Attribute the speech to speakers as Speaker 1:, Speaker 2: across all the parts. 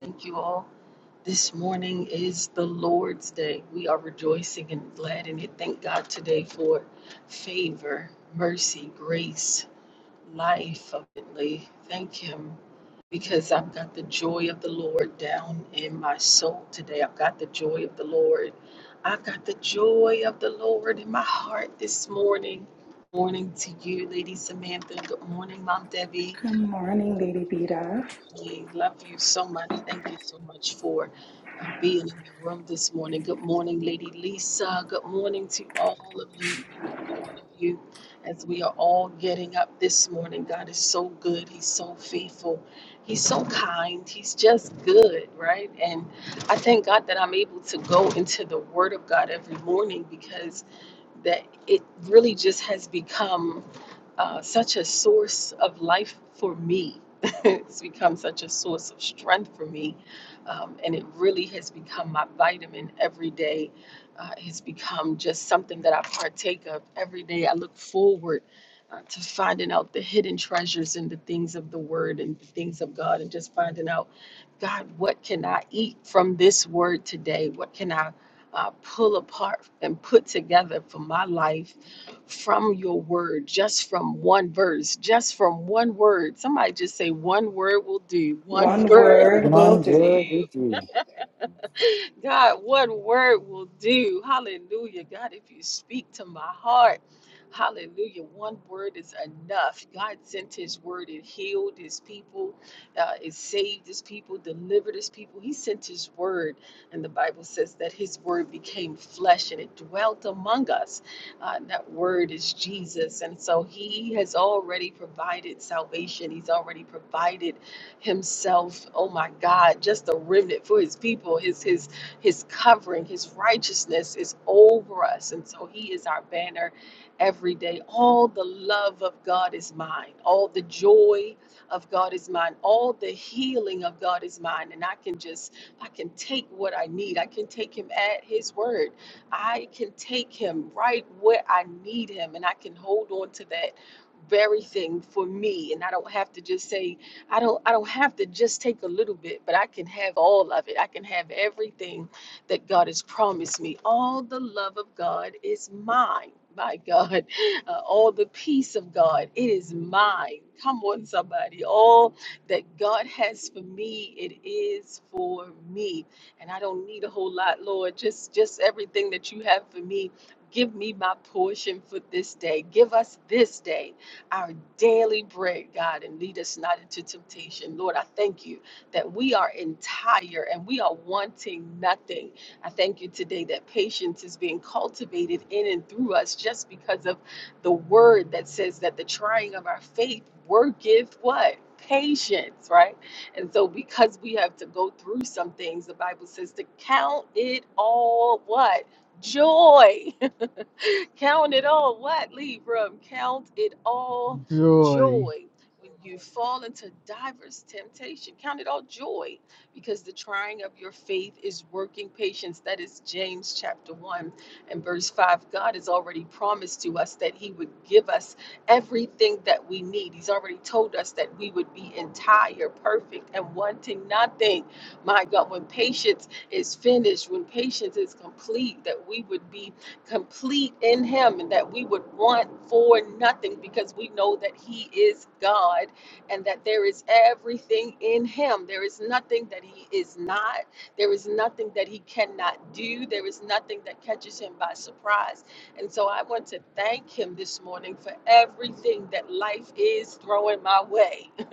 Speaker 1: Thank you all. This morning is the Lord's Day. We are rejoicing and glad in it. Thank God today for favor, mercy, grace, life abundantly. Thank Him because I've got the joy of the Lord down in my soul today. I've got the joy of the Lord. I've got the joy of the Lord in my heart this morning. Morning to you, Lady Samantha. Good morning, Mom Debbie.
Speaker 2: Good morning, Lady Vita.
Speaker 1: We love you so much. Thank you so much for uh, being in the room this morning. Good morning, Lady Lisa. Good morning to all of you, one of you, as we are all getting up this morning. God is so good. He's so faithful. He's so kind. He's just good, right? And I thank God that I'm able to go into the Word of God every morning because that it really just has become uh, such a source of life for me. it's become such a source of strength for me. Um, and it really has become my vitamin every day. Uh, it's become just something that I partake of every day. I look forward uh, to finding out the hidden treasures and the things of the Word and the things of God and just finding out, God, what can I eat from this Word today? What can I uh, pull apart and put together for my life? from your word, just from one verse, just from one word. Somebody just say, one word will do, one
Speaker 2: One
Speaker 1: word
Speaker 2: word
Speaker 1: will
Speaker 2: will
Speaker 3: One
Speaker 2: do.
Speaker 3: good with you.
Speaker 1: God, what word will do. Hallelujah. God, if you speak to my heart, hallelujah. One word is enough. God sent his word and healed his people, uh, it saved his people, delivered his people. He sent his word. And the Bible says that his word became flesh and it dwelt among us. Uh, and that word is Jesus. And so he has already provided salvation, he's already provided himself. Oh my God, just a remnant for his people. His his his covering, his righteousness is over us. And so he is our banner every day. All the love of God is mine. All the joy of God is mine. All the healing of God is mine. And I can just I can take what I need. I can take him at his word. I can take him right where I need him and I can hold on to that very thing for me and I don't have to just say I don't I don't have to just take a little bit, but I can have all of it. I can have everything that God has promised me. All the love of God is mine. My God, Uh, all the peace of God, it is mine. Come on, somebody. All that God has for me, it is for me. And I don't need a whole lot, Lord. Just just everything that you have for me. Give me my portion for this day. Give us this day our daily bread, God, and lead us not into temptation. Lord, I thank you that we are entire and we are wanting nothing. I thank you today that patience is being cultivated in and through us just because of the word that says that the trying of our faith worketh what? Patience, right? And so, because we have to go through some things, the Bible says to count it all what? Joy. Count it all what, Libra? Count it all
Speaker 4: joy,
Speaker 1: joy. When you fall into diverse temptation, count it all joy because the trying of your faith is working patience. That is James chapter 1 and verse 5. God has already promised to us that He would give us everything that we need. He's already told us that we would be entire, perfect, and wanting nothing. My God, when patience is finished, when patience is complete, that we would be complete in Him and that we would want for nothing because we know that He is God and that there is everything in Him. There is nothing that He is not, there is nothing that He cannot do, there is nothing that catches Him by surprise. And so I want to thank Him this morning for everything that life is throwing my way.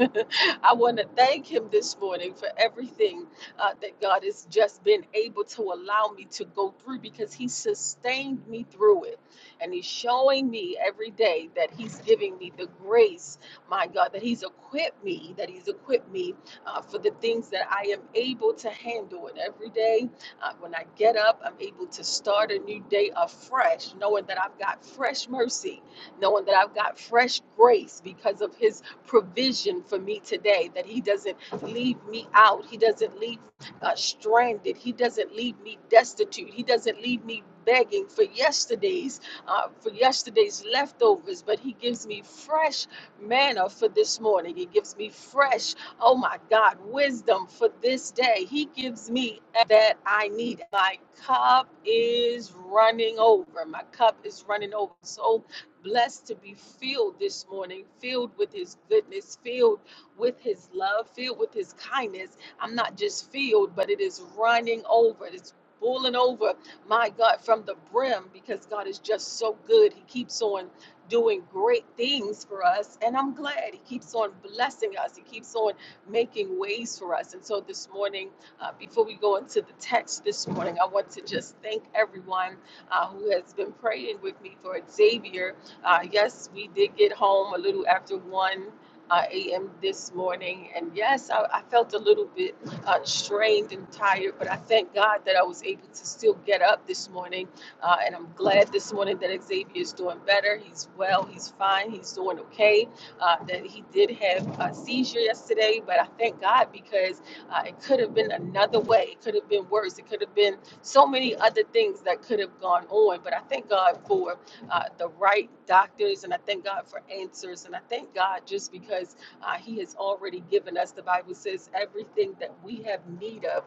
Speaker 1: I want to thank Him this morning for everything uh, that God has just been able to allow me to go through because He sustained me through it. And He's showing me every day that He's giving me the grace, my God, that He's equipped me, that He's equipped me uh, for the things that I am able to handle. And every day uh, when I get up, I'm able to start a new day afresh, knowing that I've got fresh mercy, knowing that I've got fresh grace because of His provision for me today, that He doesn't leave me out. He doesn't leave uh, stranded. He doesn't leave me destitute. He doesn't leave me begging for yesterday's uh, for yesterday's leftovers, but He gives me fresh manna for this morning. He gives me fresh, oh my God, wisdom for this day. He gives me that I need. My cup is running over. My cup is running over. So blessed to be filled this morning, filled with His goodness, filled with His love, filled with His kindness I'm not just filled, but it is running over. It's Pulling over, my God, from the brim because God is just so good. He keeps on doing great things for us, and I'm glad He keeps on blessing us. He keeps on making ways for us. And so this morning, uh, before we go into the text this morning, I want to just thank everyone uh, who has been praying with me for Xavier. Uh, yes, we did get home a little after one uh, a.m. this morning. And yes, I, I felt a little bit uh, strained and tired, but I thank God that I was able to still get up this morning. Uh, and I'm glad this morning that Xavier is doing better. He's well, he's fine, he's doing okay. Uh, that he did have a seizure yesterday, but I thank God because uh, it could have been another way. It could have been worse. It could have been so many other things that could have gone on. But I thank God for uh, the right doctors. And I thank God for answers. And I thank God just because uh, He has already given us, the Bible says, everything that we have need of.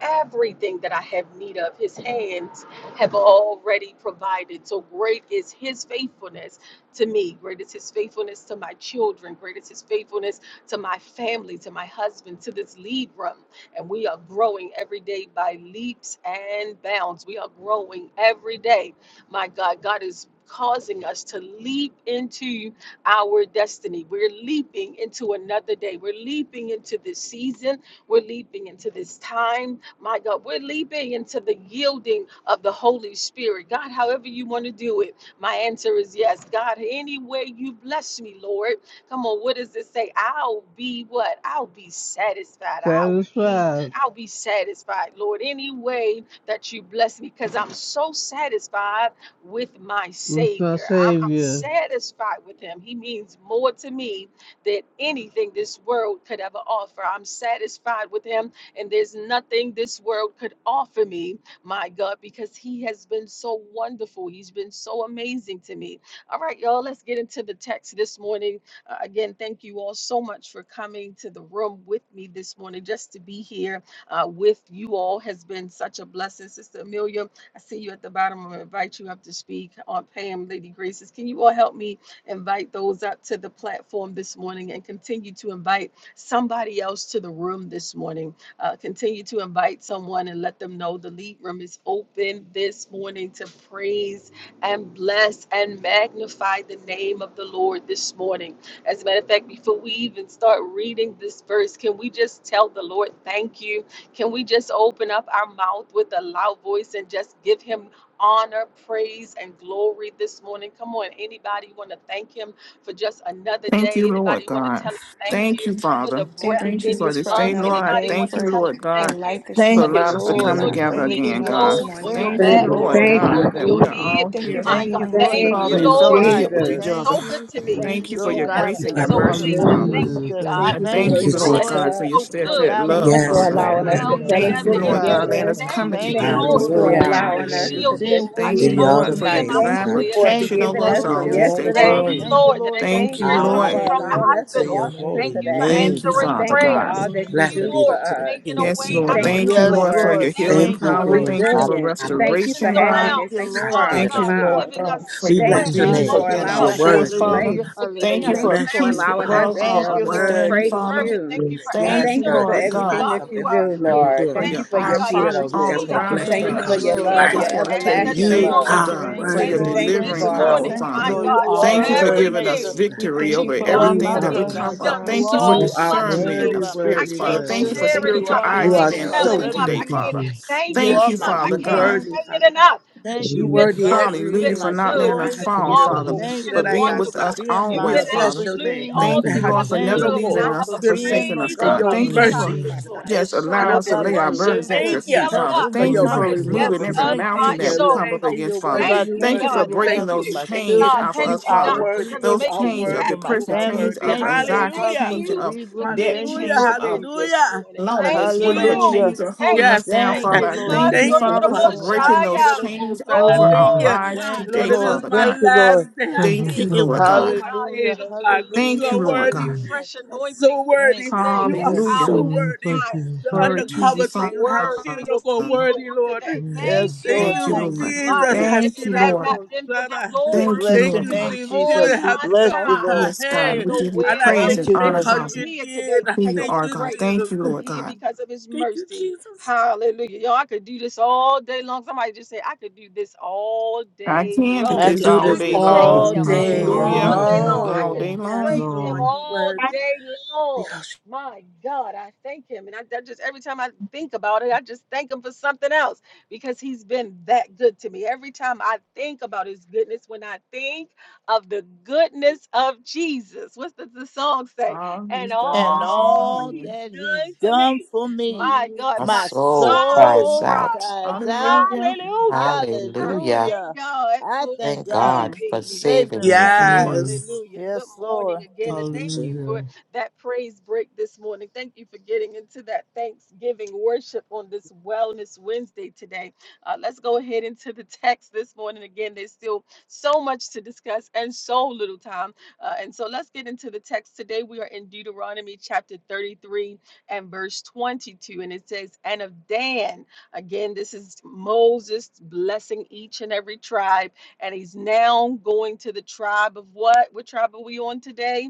Speaker 1: Everything that I have need of, his hands have already provided. So great is his faithfulness to me. Great is his faithfulness to my children. Great is his faithfulness to my family, to my husband, to this lead room. And we are growing every day by leaps and bounds. We are growing every day my God, God is causing us to leap into our destiny. We're leaping into another day. We're leaping into this season. We're leaping into this time. My God, we're leaping into the yielding of the Holy Spirit. God, however you want to do it, my answer is yes. God, any way you bless me, Lord. Come on, what does it say? I'll be what? I'll be satisfied. I'll be
Speaker 4: satisfied
Speaker 1: I'll be satisfied, Lord. Any way that you bless me, because I'm so satisfied with my
Speaker 4: with my
Speaker 1: Savior. I'm, I'm
Speaker 4: Savior.
Speaker 1: satisfied with Him. He means more to me than anything this world could ever offer. I'm satisfied with Him, and there's nothing this world could offer me, my God, because He has been so wonderful. He's been so amazing to me. All right, y'all, let's get into the text this morning. Uh, again, thank you all so much for coming to the room with me this morning. Just to be here uh, with you all has been such a blessing, Sister Amelia. I see you at the bottom. I'm going to invite you up to speak on Pam, Lady Graces. Can you all help me invite those up to the platform this morning and continue to invite somebody else to the room this morning? Uh, continue to invite someone and let them know the lead room is open this morning to praise and bless and magnify the name of the Lord this morning. As a matter of fact, before we even start reading this verse, can we just tell the Lord thank you? Can we just open up our mouth with a loud voice and just give him honor, praise, and glory this morning? Come on, anybody want to thank him for just another
Speaker 5: Thank
Speaker 1: day?
Speaker 5: you, Lord
Speaker 1: Anybody want to
Speaker 5: God.
Speaker 1: tell him thank
Speaker 5: Thank
Speaker 1: you
Speaker 5: you,
Speaker 1: for the
Speaker 5: Father.
Speaker 1: breath
Speaker 2: Thank you,
Speaker 5: Thank you
Speaker 1: in your
Speaker 5: for
Speaker 2: Jesus,
Speaker 5: this
Speaker 2: for
Speaker 5: day,
Speaker 1: lungs?
Speaker 2: another
Speaker 5: Lord. I
Speaker 1: Anybody
Speaker 2: day,
Speaker 1: want
Speaker 5: Thank
Speaker 1: to
Speaker 5: you,
Speaker 2: for
Speaker 1: tell him
Speaker 5: Lord
Speaker 2: our
Speaker 5: God,
Speaker 1: thank
Speaker 2: life
Speaker 1: you
Speaker 2: this
Speaker 5: for
Speaker 1: for
Speaker 6: Thank
Speaker 2: morning,
Speaker 6: you,
Speaker 1: the
Speaker 5: allowing
Speaker 2: Lord
Speaker 7: Thank
Speaker 5: us to
Speaker 2: Father
Speaker 5: come
Speaker 1: shoes
Speaker 6: Lord.
Speaker 1: on
Speaker 2: God,
Speaker 7: you.
Speaker 1: your
Speaker 2: for
Speaker 5: together
Speaker 6: Thank
Speaker 1: feet,
Speaker 6: you,
Speaker 1: the
Speaker 5: again,
Speaker 2: waking up
Speaker 5: God.
Speaker 2: this
Speaker 6: Lord.
Speaker 1: clothes on
Speaker 2: morning,
Speaker 1: your
Speaker 6: Thank
Speaker 2: God.
Speaker 6: you,
Speaker 5: Thank you,
Speaker 8: Thank,
Speaker 2: Thank
Speaker 1: back, the
Speaker 2: you,
Speaker 5: Lord
Speaker 6: Lord.
Speaker 2: Lord
Speaker 8: thank
Speaker 1: roof
Speaker 2: Father
Speaker 5: God,
Speaker 1: over
Speaker 5: that
Speaker 2: God.
Speaker 8: you,
Speaker 1: your
Speaker 5: we're
Speaker 8: Jesus.
Speaker 1: head?
Speaker 5: all
Speaker 2: Thank you
Speaker 5: here,
Speaker 2: for
Speaker 1: My
Speaker 6: Thank you
Speaker 1: God,
Speaker 2: healing and
Speaker 6: for the
Speaker 1: thank
Speaker 8: Thank
Speaker 2: Savior,
Speaker 5: Father,
Speaker 1: you,
Speaker 5: in
Speaker 6: gift
Speaker 8: you,
Speaker 6: of
Speaker 1: Lord.
Speaker 2: Jesus.
Speaker 6: life.
Speaker 5: fellowship
Speaker 1: You've
Speaker 5: with
Speaker 8: Jesus.
Speaker 1: been
Speaker 5: each
Speaker 6: Thank
Speaker 5: other.
Speaker 1: so good
Speaker 6: you,
Speaker 1: to me.
Speaker 8: Thank
Speaker 5: Thank you
Speaker 8: you,
Speaker 5: for
Speaker 6: Lord
Speaker 1: You
Speaker 5: your
Speaker 8: Father,
Speaker 1: have
Speaker 6: God,
Speaker 9: Thank
Speaker 8: for
Speaker 5: grace
Speaker 9: you,
Speaker 5: and
Speaker 1: been
Speaker 6: for
Speaker 8: all
Speaker 5: your
Speaker 6: the
Speaker 9: Father.
Speaker 1: so
Speaker 8: that
Speaker 6: order
Speaker 8: you
Speaker 5: mercy,
Speaker 6: of my
Speaker 1: amazing.
Speaker 5: Father.
Speaker 1: Thank
Speaker 8: do.
Speaker 4: Hallelujah.
Speaker 1: you,
Speaker 6: footsteps.
Speaker 1: God
Speaker 4: Thank
Speaker 8: Thank
Speaker 5: I
Speaker 8: you
Speaker 4: you,
Speaker 8: for
Speaker 6: Thank
Speaker 5: thank
Speaker 9: Thank
Speaker 5: you,
Speaker 9: you,
Speaker 6: you,
Speaker 1: my
Speaker 4: Jesus.
Speaker 8: waking
Speaker 1: God,
Speaker 8: us
Speaker 5: Lord
Speaker 1: that
Speaker 6: Lord,
Speaker 9: Jesus.
Speaker 1: it
Speaker 5: God,
Speaker 1: is
Speaker 5: for
Speaker 8: up.
Speaker 5: your
Speaker 1: so
Speaker 6: for
Speaker 1: good
Speaker 5: steadfast
Speaker 1: for
Speaker 8: Thank
Speaker 6: allowing
Speaker 4: Glory
Speaker 8: you
Speaker 5: love,
Speaker 6: me
Speaker 8: for
Speaker 4: to
Speaker 1: brethren
Speaker 9: Yes.
Speaker 6: this
Speaker 1: to
Speaker 5: Father.
Speaker 8: allowing
Speaker 4: God.
Speaker 8: us
Speaker 9: Thank
Speaker 10: Thank
Speaker 9: you,
Speaker 10: you,
Speaker 1: dwell
Speaker 8: to
Speaker 10: God.
Speaker 9: Father.
Speaker 6: opportunity,
Speaker 5: Thank you,
Speaker 1: together
Speaker 6: Lord
Speaker 8: fellowship
Speaker 9: for your
Speaker 4: Hallelujah.
Speaker 1: in
Speaker 5: Lord
Speaker 10: Thank you,
Speaker 6: God.
Speaker 9: blessing.
Speaker 5: God,
Speaker 1: unity.
Speaker 5: letting
Speaker 10: God.
Speaker 8: together.
Speaker 5: us
Speaker 10: Thank you.
Speaker 1: Thank
Speaker 5: coming
Speaker 1: you,
Speaker 4: You're
Speaker 6: Thank
Speaker 4: so
Speaker 8: Thank
Speaker 6: you,
Speaker 5: together
Speaker 8: you
Speaker 1: Lord,
Speaker 5: this
Speaker 4: good.
Speaker 6: Lord,
Speaker 10: Thank
Speaker 8: for
Speaker 6: Lord
Speaker 5: morning,
Speaker 10: you,
Speaker 4: Thank
Speaker 9: Hallelujah.
Speaker 1: that you
Speaker 10: God.
Speaker 5: God.
Speaker 1: have
Speaker 8: allowing
Speaker 6: Jesus,
Speaker 8: us
Speaker 6: for
Speaker 9: Hallelujah.
Speaker 8: to
Speaker 1: shielded and
Speaker 6: seeing
Speaker 8: just
Speaker 6: through
Speaker 5: Thank
Speaker 1: watched
Speaker 5: you,
Speaker 9: Give
Speaker 6: me
Speaker 9: you
Speaker 8: be.
Speaker 9: all
Speaker 6: through the
Speaker 5: Lord,
Speaker 9: the
Speaker 1: over
Speaker 10: Hallelujah,
Speaker 5: for
Speaker 1: me
Speaker 5: your
Speaker 1: and
Speaker 6: night.
Speaker 1: my
Speaker 9: praises,
Speaker 8: Thank
Speaker 5: divine
Speaker 10: Jesus.
Speaker 8: you
Speaker 1: family
Speaker 9: Father.
Speaker 1: as
Speaker 8: for
Speaker 1: we
Speaker 10: God,
Speaker 6: Thank
Speaker 5: protection
Speaker 6: you,
Speaker 10: you
Speaker 1: slept
Speaker 10: are
Speaker 5: over
Speaker 8: forgiving
Speaker 9: I
Speaker 5: us
Speaker 8: us
Speaker 1: last
Speaker 6: Lord.
Speaker 9: give
Speaker 5: all
Speaker 8: from
Speaker 1: night.
Speaker 9: you
Speaker 10: wonderful.
Speaker 6: Thank
Speaker 5: this
Speaker 10: You
Speaker 9: all
Speaker 6: you,
Speaker 5: day,
Speaker 9: the
Speaker 10: are
Speaker 1: Thank
Speaker 10: awesome.
Speaker 6: Lord.
Speaker 5: Father.
Speaker 8: yesterday.
Speaker 10: You
Speaker 1: you,
Speaker 9: glory.
Speaker 6: Thank you,
Speaker 10: are
Speaker 1: Lord, that
Speaker 6: Lord.
Speaker 10: mighty.
Speaker 6: Thank
Speaker 5: Thank
Speaker 8: Thank
Speaker 5: you,
Speaker 6: you,
Speaker 1: Xavier is
Speaker 6: Lord.
Speaker 8: you
Speaker 10: Hallelujah.
Speaker 1: home
Speaker 8: for
Speaker 5: Lord.
Speaker 1: from the
Speaker 8: allowing
Speaker 9: Hallelujah
Speaker 8: us to
Speaker 9: to
Speaker 10: To
Speaker 1: hospital.
Speaker 10: your
Speaker 9: your
Speaker 8: walk into
Speaker 9: holy
Speaker 10: name,
Speaker 1: Thank you for
Speaker 8: today.
Speaker 10: we
Speaker 9: name,
Speaker 5: Thank
Speaker 10: give
Speaker 5: you,
Speaker 10: you all
Speaker 1: answering
Speaker 9: Father.
Speaker 10: the
Speaker 5: Father
Speaker 8: Thank you
Speaker 10: honor,
Speaker 8: for
Speaker 10: the
Speaker 5: God.
Speaker 8: all
Speaker 1: prayers.
Speaker 10: glory, and
Speaker 8: that
Speaker 10: the
Speaker 1: Thank
Speaker 8: you
Speaker 1: you,
Speaker 9: Blessed
Speaker 8: do
Speaker 9: be
Speaker 8: for
Speaker 9: the
Speaker 1: Lord,
Speaker 10: praise.
Speaker 1: for
Speaker 9: to the
Speaker 8: us.
Speaker 1: making
Speaker 9: King
Speaker 1: a
Speaker 9: of
Speaker 5: Yes,
Speaker 1: way
Speaker 9: Kings, the
Speaker 1: out
Speaker 5: Lord.
Speaker 1: of
Speaker 10: Amen.
Speaker 8: Thank
Speaker 9: Lord. of
Speaker 8: you
Speaker 5: Thank
Speaker 1: no
Speaker 5: you,
Speaker 9: Lords.
Speaker 6: Yes,
Speaker 5: Lord,
Speaker 1: way.
Speaker 5: for
Speaker 8: for
Speaker 5: your
Speaker 6: Lord.
Speaker 1: Thank
Speaker 9: Thank
Speaker 5: healing
Speaker 1: you,
Speaker 6: Thank
Speaker 9: you,
Speaker 6: you,
Speaker 1: Lord,
Speaker 5: power.
Speaker 1: for
Speaker 6: Lord.
Speaker 9: being
Speaker 5: Thank you
Speaker 1: turning
Speaker 5: for
Speaker 9: Father
Speaker 8: resilience.
Speaker 9: God
Speaker 8: Thank you
Speaker 1: situations
Speaker 8: for
Speaker 9: of
Speaker 5: restoration,
Speaker 9: all.
Speaker 5: God.
Speaker 1: around.
Speaker 8: happiness.
Speaker 6: Thank you,
Speaker 8: Thank you
Speaker 9: I
Speaker 8: for
Speaker 6: Lord.
Speaker 1: My
Speaker 9: see
Speaker 8: our
Speaker 5: Thank
Speaker 9: up.
Speaker 5: you,
Speaker 1: God, and
Speaker 5: Lord,
Speaker 8: smiles.
Speaker 1: giving
Speaker 5: God, for
Speaker 1: us
Speaker 9: We
Speaker 5: your
Speaker 8: Thank
Speaker 4: you,
Speaker 9: bless
Speaker 1: strength
Speaker 9: your
Speaker 1: and
Speaker 8: you
Speaker 5: provision,
Speaker 9: name
Speaker 5: for
Speaker 4: Jesus.
Speaker 8: for
Speaker 1: hope and
Speaker 5: being
Speaker 9: because
Speaker 5: our
Speaker 9: you're
Speaker 1: help.
Speaker 8: allowing
Speaker 6: Hallelujah.
Speaker 8: us
Speaker 1: Thank
Speaker 5: source,
Speaker 9: worthy.
Speaker 5: Father.
Speaker 8: grace.
Speaker 6: Hallelujah.
Speaker 1: for giving
Speaker 5: Thank you
Speaker 9: We
Speaker 1: us
Speaker 6: Hallelujah.
Speaker 5: for a
Speaker 8: Thank you
Speaker 9: bless
Speaker 8: for
Speaker 5: peace
Speaker 9: you
Speaker 1: clarity
Speaker 8: allowing
Speaker 1: in our
Speaker 8: us
Speaker 5: above
Speaker 9: because
Speaker 8: to
Speaker 9: you're
Speaker 8: be
Speaker 6: Thank
Speaker 5: our
Speaker 1: vision.
Speaker 6: you,
Speaker 8: able to
Speaker 1: Thank you
Speaker 6: Lord.
Speaker 1: for
Speaker 5: understanding,
Speaker 8: pray
Speaker 9: worthy,
Speaker 8: to
Speaker 9: oh
Speaker 5: Father.
Speaker 9: Lord.
Speaker 1: discernment.
Speaker 8: you.
Speaker 1: Thank you for
Speaker 5: Thank
Speaker 9: Yes,
Speaker 5: you,
Speaker 8: Thank you
Speaker 9: God,
Speaker 8: for
Speaker 1: answers,
Speaker 9: this
Speaker 5: Lord
Speaker 9: is
Speaker 5: God
Speaker 9: not
Speaker 8: everything
Speaker 1: God,
Speaker 8: that you
Speaker 9: something,
Speaker 1: to our
Speaker 9: Father
Speaker 8: do,
Speaker 9: God, we
Speaker 1: prayers.
Speaker 8: Lord.
Speaker 9: do.
Speaker 5: for
Speaker 8: Thank you
Speaker 5: your
Speaker 1: Thank
Speaker 8: for
Speaker 1: you,
Speaker 9: I
Speaker 8: your
Speaker 5: arms
Speaker 1: God,
Speaker 9: see
Speaker 5: of-
Speaker 9: it,
Speaker 1: that
Speaker 9: oh,
Speaker 1: you
Speaker 9: we
Speaker 5: all
Speaker 8: promises.
Speaker 9: just
Speaker 1: see
Speaker 9: want to
Speaker 2: Thank
Speaker 1: us,
Speaker 2: you
Speaker 5: around
Speaker 2: for
Speaker 5: us,
Speaker 9: bless you
Speaker 8: Thank
Speaker 6: Thank
Speaker 8: you
Speaker 5: God.
Speaker 2: bringing
Speaker 8: for
Speaker 6: you,
Speaker 1: that
Speaker 2: us
Speaker 9: because
Speaker 1: you
Speaker 8: your
Speaker 2: through,
Speaker 9: you're
Speaker 6: Lord.
Speaker 1: hear
Speaker 5: I
Speaker 2: Lord
Speaker 8: love,
Speaker 9: worthy.
Speaker 8: your
Speaker 5: just
Speaker 1: us,
Speaker 2: Father
Speaker 5: want
Speaker 2: God.
Speaker 5: to tell
Speaker 1: and
Speaker 2: Thank
Speaker 5: you,
Speaker 2: you
Speaker 1: that
Speaker 8: everlasting
Speaker 1: you
Speaker 2: for
Speaker 9: You
Speaker 2: your
Speaker 1: know
Speaker 5: thank you,
Speaker 8: love.
Speaker 1: us.
Speaker 9: are
Speaker 2: victory,
Speaker 5: God,
Speaker 6: Thank
Speaker 2: Lord
Speaker 5: for
Speaker 6: you,
Speaker 9: worthy.
Speaker 5: your
Speaker 1: Thank
Speaker 2: Jesus.
Speaker 6: Lord.
Speaker 1: you
Speaker 8: Thank
Speaker 2: Thank
Speaker 8: you,
Speaker 2: you
Speaker 6: Thank you,
Speaker 5: delivering
Speaker 1: this
Speaker 2: for
Speaker 6: Lord.
Speaker 8: Father.
Speaker 5: power,
Speaker 1: morning,
Speaker 2: blessing me
Speaker 6: Thank
Speaker 2: and
Speaker 6: you,
Speaker 2: my
Speaker 1: my
Speaker 5: Father.
Speaker 6: Lord.
Speaker 9: You
Speaker 1: God,
Speaker 2: family,
Speaker 6: You
Speaker 1: for
Speaker 9: are
Speaker 2: Lord
Speaker 5: Thank
Speaker 6: are
Speaker 5: you
Speaker 6: a
Speaker 5: for
Speaker 2: God.
Speaker 5: giving
Speaker 9: worthy,
Speaker 5: us
Speaker 6: waymaker.
Speaker 1: everything
Speaker 9: oh God.
Speaker 2: We
Speaker 5: victory
Speaker 1: that
Speaker 2: thank
Speaker 1: you've
Speaker 2: you
Speaker 5: over
Speaker 2: for
Speaker 6: You
Speaker 2: all
Speaker 6: are
Speaker 1: done
Speaker 2: you
Speaker 9: You
Speaker 5: everything
Speaker 6: my
Speaker 1: for
Speaker 2: have
Speaker 5: that
Speaker 9: are
Speaker 5: we
Speaker 1: me.
Speaker 2: done,
Speaker 9: worthy.
Speaker 2: Lord
Speaker 1: You've
Speaker 5: come
Speaker 6: provider.
Speaker 5: up.
Speaker 1: done
Speaker 6: You
Speaker 2: God.
Speaker 5: Thank
Speaker 1: so
Speaker 5: you for
Speaker 6: are,
Speaker 9: You are
Speaker 1: much for
Speaker 5: discernment
Speaker 1: me.
Speaker 6: Lord
Speaker 9: worthy,
Speaker 5: of
Speaker 6: God, my
Speaker 1: I
Speaker 5: spirits,
Speaker 9: worthy,
Speaker 5: Father.
Speaker 1: can't
Speaker 2: Oh,
Speaker 5: Thank
Speaker 9: worthy,
Speaker 5: you
Speaker 6: shelter.
Speaker 5: for
Speaker 1: share
Speaker 9: Lord.
Speaker 2: thank
Speaker 1: it
Speaker 2: you
Speaker 6: You
Speaker 2: for
Speaker 5: spiritual
Speaker 1: enough.
Speaker 6: are
Speaker 1: I
Speaker 9: You
Speaker 6: my,
Speaker 5: eyes
Speaker 9: are
Speaker 1: can't
Speaker 2: healing,
Speaker 6: Lord
Speaker 5: being
Speaker 2: Lord
Speaker 6: God,
Speaker 1: tell
Speaker 9: so
Speaker 1: it
Speaker 5: open
Speaker 2: God.
Speaker 1: enough.
Speaker 5: today,
Speaker 4: Thank
Speaker 1: I
Speaker 9: worthy.
Speaker 6: refuge.
Speaker 4: you,
Speaker 1: can't
Speaker 5: Father.
Speaker 4: Jesus.
Speaker 1: thank
Speaker 6: You
Speaker 1: you
Speaker 5: Thank
Speaker 6: are
Speaker 9: Yes,
Speaker 5: you,
Speaker 6: my
Speaker 1: enough.
Speaker 9: Lord,
Speaker 1: I
Speaker 5: Father
Speaker 9: you
Speaker 1: can't
Speaker 5: God.
Speaker 6: strength.
Speaker 9: worthy,
Speaker 1: say it
Speaker 9: Father God.
Speaker 1: enough. But
Speaker 6: Thank
Speaker 9: You
Speaker 6: you,
Speaker 1: you've
Speaker 6: Lord
Speaker 1: been
Speaker 9: worthy
Speaker 6: God, for
Speaker 1: great.
Speaker 9: every
Speaker 1: You've
Speaker 6: being
Speaker 5: Hallelujah
Speaker 1: been
Speaker 5: for
Speaker 9: day,
Speaker 6: my
Speaker 5: not
Speaker 9: Father
Speaker 1: good.
Speaker 5: letting
Speaker 9: God.
Speaker 5: us
Speaker 1: You've
Speaker 6: joy.
Speaker 1: been
Speaker 5: fall, Father,
Speaker 1: marvelous.
Speaker 9: Hashiroko,
Speaker 1: You've
Speaker 6: Thank
Speaker 1: been
Speaker 5: but
Speaker 6: you,
Speaker 5: being
Speaker 6: Lord,
Speaker 5: with
Speaker 6: for
Speaker 1: wonderful.
Speaker 9: shiraraikasa.
Speaker 5: us
Speaker 6: being
Speaker 9: And
Speaker 1: You've
Speaker 9: we
Speaker 6: my
Speaker 5: always,
Speaker 9: are
Speaker 1: been
Speaker 9: bless
Speaker 5: Father.
Speaker 9: your name,
Speaker 1: absolutely
Speaker 6: everything.
Speaker 9: God.
Speaker 4: Thank you, Jesus. Thank you,
Speaker 5: Thank you, Lord,
Speaker 4: Jesus.
Speaker 1: altogether
Speaker 5: for never
Speaker 6: Thank
Speaker 9: Hashiroko,
Speaker 1: good.
Speaker 6: you,
Speaker 1: And
Speaker 9: for
Speaker 1: I
Speaker 5: leaving
Speaker 6: Lord,
Speaker 1: have
Speaker 5: us,
Speaker 6: for
Speaker 1: a
Speaker 9: Goodness
Speaker 6: being,
Speaker 5: forsaking
Speaker 6: Lord
Speaker 5: us,
Speaker 1: praise
Speaker 9: and
Speaker 6: God,
Speaker 1: on
Speaker 5: God.
Speaker 9: your
Speaker 6: my
Speaker 1: the
Speaker 5: Thank you
Speaker 4: Thank you,
Speaker 1: inside
Speaker 9: mercy,
Speaker 5: for
Speaker 4: Jesus.
Speaker 6: refuge.
Speaker 1: this
Speaker 9: Father God,
Speaker 1: morning.
Speaker 5: just
Speaker 9: is
Speaker 1: I
Speaker 9: showing
Speaker 5: allowing
Speaker 9: up
Speaker 1: have
Speaker 6: Lord
Speaker 5: us to
Speaker 9: in
Speaker 1: a
Speaker 6: God,
Speaker 5: lay
Speaker 9: this
Speaker 6: my
Speaker 5: our
Speaker 9: room.
Speaker 1: worship
Speaker 9: We
Speaker 6: very
Speaker 5: burdens
Speaker 1: that
Speaker 5: at
Speaker 1: is
Speaker 5: your
Speaker 9: thank
Speaker 6: present
Speaker 9: you
Speaker 5: feet,
Speaker 1: welling
Speaker 6: help
Speaker 5: Father.
Speaker 1: up
Speaker 6: in
Speaker 9: for
Speaker 6: the
Speaker 5: Thank you
Speaker 9: your
Speaker 4: Thank
Speaker 1: from
Speaker 4: you,
Speaker 6: time
Speaker 5: for
Speaker 1: the
Speaker 6: of
Speaker 9: grace
Speaker 4: Jesus.
Speaker 9: and your
Speaker 5: removing
Speaker 1: depths
Speaker 6: trouble.
Speaker 9: mercy.
Speaker 5: every
Speaker 1: of
Speaker 9: We
Speaker 6: Thank you,
Speaker 5: mountain
Speaker 1: my
Speaker 9: thank
Speaker 5: that
Speaker 9: you.
Speaker 5: we
Speaker 9: We
Speaker 1: soul.
Speaker 6: Jesus.
Speaker 5: come up
Speaker 9: thank
Speaker 1: So
Speaker 9: you.
Speaker 5: against,
Speaker 9: You're
Speaker 6: Oh
Speaker 5: Father.
Speaker 9: worthy.
Speaker 1: thank
Speaker 6: God,
Speaker 9: You're
Speaker 1: you,
Speaker 5: Thank
Speaker 6: thank
Speaker 5: you
Speaker 9: worthy.
Speaker 6: you,
Speaker 5: for
Speaker 1: God.
Speaker 9: We
Speaker 6: Lord
Speaker 5: breaking
Speaker 9: thank
Speaker 1: Thank
Speaker 6: God, for
Speaker 9: you.
Speaker 5: those
Speaker 1: you,
Speaker 9: We
Speaker 6: my
Speaker 9: thank you.
Speaker 5: chains
Speaker 1: God.
Speaker 6: children.
Speaker 5: off of
Speaker 1: Thank
Speaker 9: You
Speaker 5: us,
Speaker 6: Thank
Speaker 1: you,
Speaker 6: you,
Speaker 9: are
Speaker 5: Father.
Speaker 1: God,
Speaker 6: Lord
Speaker 1: for
Speaker 9: worthy.
Speaker 1: just
Speaker 6: Jesus,
Speaker 9: You
Speaker 5: Those
Speaker 9: are
Speaker 1: making me
Speaker 5: chains of
Speaker 9: worthy.
Speaker 6: for my
Speaker 1: happy.
Speaker 9: You
Speaker 5: depression,
Speaker 9: are
Speaker 1: in
Speaker 6: family.
Speaker 5: chains
Speaker 9: worthy.
Speaker 5: of
Speaker 6: Thank you,
Speaker 1: Jesus,
Speaker 6: Lord
Speaker 5: anxiety,
Speaker 6: God,
Speaker 1: thank
Speaker 9: Hallelujah.
Speaker 6: for
Speaker 5: chains
Speaker 6: the
Speaker 1: you
Speaker 5: of
Speaker 6: lead
Speaker 1: for
Speaker 6: room.
Speaker 5: debt,
Speaker 1: giving
Speaker 6: Thank you,
Speaker 1: me
Speaker 9: Hallelujah,
Speaker 5: chains
Speaker 6: Lord
Speaker 5: of
Speaker 1: strength
Speaker 6: Jesus.
Speaker 1: this
Speaker 9: hallelujah,
Speaker 1: morning.
Speaker 5: loneliness,
Speaker 1: Thank you.
Speaker 5: whatever
Speaker 9: hallelujah,
Speaker 6: Hallelujah.
Speaker 5: chains are
Speaker 9: Jesus.
Speaker 5: holding
Speaker 1: Thank you.
Speaker 5: us
Speaker 9: Yes,
Speaker 5: down,
Speaker 1: Thank
Speaker 6: Thank
Speaker 9: God.
Speaker 6: you,
Speaker 5: Father.
Speaker 1: you.
Speaker 5: I
Speaker 6: Lord.
Speaker 1: Yaman
Speaker 5: thank you,
Speaker 9: Thank
Speaker 6: Thank
Speaker 9: you,
Speaker 6: you,
Speaker 5: Father,
Speaker 9: Father.
Speaker 1: Sororobo
Speaker 5: for
Speaker 6: Lord.
Speaker 5: breaking those
Speaker 9: Hashira
Speaker 1: Shaya.
Speaker 9: no
Speaker 5: chains
Speaker 9: kosan. I
Speaker 5: over
Speaker 4: Glory
Speaker 5: our
Speaker 9: thank
Speaker 4: to God.
Speaker 9: you,
Speaker 1: Oh
Speaker 5: lives
Speaker 1: God,
Speaker 6: Thank you,
Speaker 9: Lord.
Speaker 5: today,
Speaker 9: If
Speaker 1: God, my
Speaker 9: it's
Speaker 6: Lord.
Speaker 5: Father
Speaker 9: my
Speaker 5: God.
Speaker 6: Thank you,
Speaker 1: she
Speaker 9: last
Speaker 6: Lord.
Speaker 1: breaking
Speaker 9: day,
Speaker 1: the
Speaker 9: I
Speaker 5: Thank
Speaker 4: Sunday,
Speaker 5: you,
Speaker 1: chains
Speaker 9: thank you with
Speaker 5: Lord
Speaker 4: Sunday.
Speaker 1: oh
Speaker 5: God.
Speaker 9: all my
Speaker 1: God, and
Speaker 9: being,
Speaker 6: Hallelujah.
Speaker 1: just
Speaker 9: oh God, because you
Speaker 5: Thank you,
Speaker 9: are
Speaker 6: Hallelujah.
Speaker 1: releasing
Speaker 5: Lord
Speaker 9: worthy.
Speaker 1: that
Speaker 5: God.
Speaker 4: Mm.
Speaker 6: Hallelujah.
Speaker 1: fresh
Speaker 9: You are
Speaker 1: anointing
Speaker 9: so
Speaker 1: for
Speaker 6: Thank
Speaker 1: this
Speaker 9: worthy.
Speaker 6: you,
Speaker 1: day,
Speaker 9: You
Speaker 1: this
Speaker 9: are
Speaker 6: Jesus.
Speaker 5: Hallelujah.
Speaker 9: so
Speaker 1: hour, this
Speaker 4: Mm,
Speaker 9: worthy.
Speaker 4: thank you,
Speaker 1: time,
Speaker 9: The
Speaker 4: Jesus.
Speaker 5: Glory to you,
Speaker 9: undercover
Speaker 1: releasing your
Speaker 5: Father.
Speaker 9: things,
Speaker 1: word for
Speaker 9: Hashira no
Speaker 1: your
Speaker 9: ko-
Speaker 1: people
Speaker 9: worthy,
Speaker 1: on
Speaker 9: Lord.
Speaker 1: today. Thank
Speaker 4: Mm.
Speaker 6: Yes,
Speaker 9: Thank
Speaker 6: Lord.
Speaker 5: Thank you,
Speaker 9: you,
Speaker 1: you,
Speaker 6: Thank you,
Speaker 5: Lord.
Speaker 1: my
Speaker 9: Jesus.
Speaker 6: Jesus.
Speaker 1: God.
Speaker 5: Thank
Speaker 1: If it
Speaker 5: you,
Speaker 1: had
Speaker 9: Hashira
Speaker 5: Lord.
Speaker 1: not
Speaker 9: no
Speaker 1: been for the
Speaker 9: kosan.
Speaker 6: We
Speaker 5: Thank
Speaker 1: Lord
Speaker 5: you,
Speaker 6: bless
Speaker 9: Thank
Speaker 6: your
Speaker 5: Lord
Speaker 9: you,
Speaker 1: who
Speaker 6: name,
Speaker 5: God.
Speaker 1: was
Speaker 9: Jesus. You
Speaker 1: on
Speaker 9: didn't
Speaker 6: Jesus. We
Speaker 9: have
Speaker 1: my
Speaker 9: to
Speaker 6: bless
Speaker 9: go.
Speaker 6: you,
Speaker 1: side,
Speaker 6: Lord.
Speaker 5: Yes,
Speaker 1: I
Speaker 5: God.
Speaker 9: hey,
Speaker 1: don't
Speaker 5: We
Speaker 1: know
Speaker 5: give you
Speaker 9: and
Speaker 1: where
Speaker 9: I
Speaker 1: I
Speaker 5: praise
Speaker 9: thank
Speaker 6: Thank
Speaker 5: and
Speaker 1: would
Speaker 9: you
Speaker 6: you,
Speaker 5: honor,
Speaker 1: be,
Speaker 6: Lord.
Speaker 1: but
Speaker 9: because
Speaker 1: I'm
Speaker 5: Father,
Speaker 9: you
Speaker 1: here
Speaker 9: did.
Speaker 1: today
Speaker 9: I
Speaker 5: who
Speaker 1: because
Speaker 5: you
Speaker 1: of
Speaker 9: thank
Speaker 1: His
Speaker 5: are,
Speaker 9: you,
Speaker 5: God.
Speaker 1: grace.
Speaker 5: Thank
Speaker 9: Jesus.
Speaker 5: you,
Speaker 1: I'm
Speaker 5: Lord
Speaker 1: here
Speaker 5: God.
Speaker 1: because of His
Speaker 9: Thank you,
Speaker 1: mercy.
Speaker 9: Jesus.
Speaker 1: Hallelujah. Yo, I could do this all day long. Somebody just say, I could do this all
Speaker 5: I
Speaker 1: day
Speaker 5: can
Speaker 9: I
Speaker 5: do
Speaker 6: I
Speaker 1: long.
Speaker 9: can
Speaker 5: this
Speaker 9: do
Speaker 6: can
Speaker 5: all
Speaker 6: do
Speaker 1: I
Speaker 9: this
Speaker 5: day
Speaker 1: could
Speaker 6: this
Speaker 4: I
Speaker 1: thank
Speaker 4: could
Speaker 9: all
Speaker 6: all
Speaker 5: long.
Speaker 1: Him
Speaker 4: do this
Speaker 6: day
Speaker 10: I
Speaker 9: day
Speaker 10: can
Speaker 4: all
Speaker 10: do
Speaker 5: Hallelujah.
Speaker 1: all
Speaker 10: this
Speaker 1: day
Speaker 6: long.
Speaker 4: day
Speaker 10: all
Speaker 1: long. I
Speaker 10: day
Speaker 5: All
Speaker 9: long.
Speaker 1: could
Speaker 5: day
Speaker 10: long.
Speaker 5: long.
Speaker 9: Yes,
Speaker 1: praise him
Speaker 9: Lord,
Speaker 4: long.
Speaker 9: you
Speaker 1: all
Speaker 9: worthy.
Speaker 1: day long.
Speaker 9: Because
Speaker 1: My God, I thank him. And I, I just every time I think about it, I just thank him for something else because he's been that good to me. Every time I think about his goodness, when I think of the goodness of Jesus, what's the, the song say?
Speaker 5: I'll All
Speaker 1: And
Speaker 5: these
Speaker 6: and
Speaker 5: things are
Speaker 1: all
Speaker 6: all
Speaker 5: me.
Speaker 1: he's
Speaker 6: that he's
Speaker 1: done for me.
Speaker 6: done for me.
Speaker 1: My God,
Speaker 11: My
Speaker 1: my
Speaker 6: My
Speaker 11: soul
Speaker 1: soul
Speaker 11: cries
Speaker 6: soul
Speaker 1: cries.
Speaker 11: out,
Speaker 6: cries out,
Speaker 5: Hallelujah.
Speaker 1: Hallelujah. I
Speaker 11: Hallelujah.
Speaker 1: thank
Speaker 6: Hallelujah.
Speaker 1: God
Speaker 6: I
Speaker 1: for
Speaker 6: thank
Speaker 11: Thank
Speaker 6: God
Speaker 11: God
Speaker 5: Amen.
Speaker 6: for
Speaker 11: for
Speaker 1: saving me.
Speaker 11: saving
Speaker 6: saving
Speaker 11: me.
Speaker 6: me.
Speaker 5: Thank
Speaker 1: Yes,
Speaker 5: you, Lord.
Speaker 4: Amen.
Speaker 9: yes.
Speaker 1: hallelujah. Good
Speaker 6: Yes, Lord.
Speaker 1: morning again,
Speaker 9: Thank
Speaker 1: and
Speaker 9: you,
Speaker 1: thank you
Speaker 9: Jesus.
Speaker 1: for
Speaker 4: Hallelujah.
Speaker 1: that praise break this morning. Thank you for getting into that Thanksgiving worship on this Wellness Wednesday today. Uh, let's go ahead into the text this morning. Again, there's still so much to discuss and so little time. Uh, and so let's get into the text today. We are in Deuteronomy chapter 33 and verse 22. And it says, And of Dan, again, this is Moses blessing each and every tribe. And he's now going to the tribe of what? What tribe are we on today?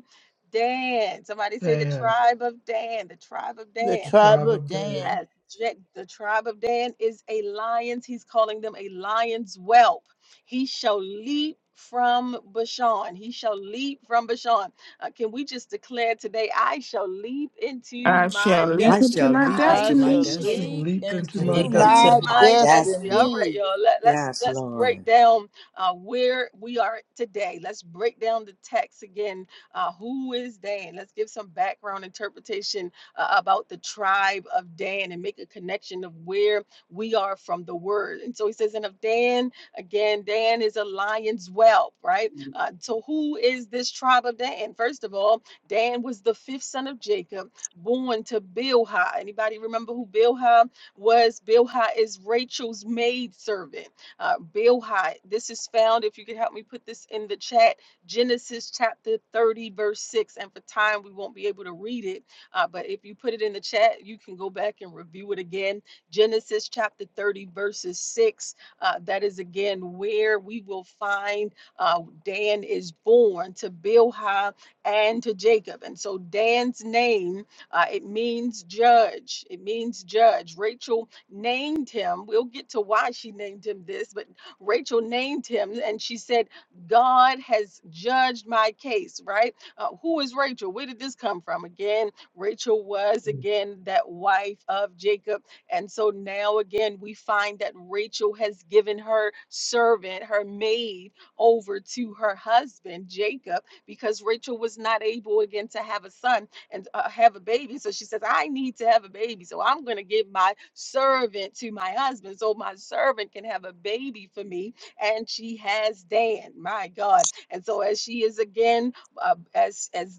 Speaker 1: Dan. Somebody say the
Speaker 10: Dan,
Speaker 1: tribe of Dan, the tribe of
Speaker 6: The
Speaker 1: Dan.
Speaker 10: the
Speaker 6: tribe
Speaker 10: tribe
Speaker 6: of
Speaker 10: of Dan.
Speaker 6: Dan.
Speaker 1: Yes, Ja- the tribe of Dan is a lion's. He's calling them a lion's whelp. He shall leap from Bashan. He shall leap from Bashan. Uh, can we just declare today, I shall leap into
Speaker 5: I shall
Speaker 1: my
Speaker 3: I
Speaker 5: leap into
Speaker 3: shall
Speaker 1: destiny?
Speaker 5: my
Speaker 3: leap
Speaker 1: I
Speaker 6: I
Speaker 3: into my
Speaker 6: shall
Speaker 5: destiny.
Speaker 10: I
Speaker 1: shall
Speaker 10: shall
Speaker 6: leap
Speaker 3: destiny.
Speaker 1: leap.
Speaker 10: leap into
Speaker 9: and
Speaker 10: my
Speaker 6: into
Speaker 9: leap
Speaker 1: Into
Speaker 9: into
Speaker 6: my
Speaker 10: destiny.
Speaker 9: my
Speaker 1: my destiny. All
Speaker 9: destiny.
Speaker 1: right,
Speaker 6: destiny.
Speaker 1: y'all. Let, let's
Speaker 9: Yes,
Speaker 1: let's break
Speaker 9: Lord.
Speaker 1: down uh, where we are today. Let's break down the text again. Uh, who is Dan? Let's give some background interpretation uh, about the tribe of Dan and make a connection of where we are from the word. And so he says, and of Dan, again, Dan is a lion's whelp, right? Uh, so who is this tribe of Dan? First of all, Dan was the fifth son of Jacob, born to Bilhah. Anybody remember who Bilhah was? Bilhah is Rachel's maidservant. Uh, Bilhah, this is found, if you could help me put this in the chat, Genesis chapter 30, verse 6. And for time, we won't be able to read it uh, but if you put it in the chat, you can go back and review it again. Genesis chapter 30, verses 6. Uh, that is again where we will find uh, Dan is born to Bilhah and to Jacob. And so Dan's name, uh, it means judge. It means judge. Rachel named him. We'll get to why she named him this, but Rachel named him and she said, God has judged my case, right? Uh, who is Rachel? Where did this come from? Again, Rachel was again that wife of Jacob. And so now again, we find that Rachel has given her servant, her maid, over to her husband, Jacob, because Rachel was not able again to have a son and uh, have a baby. So she says, I need to have a baby. So I'm going to give my servant to my husband so my servant can have a baby for me. And she has Dan, my God. And so as she is again, uh, as, as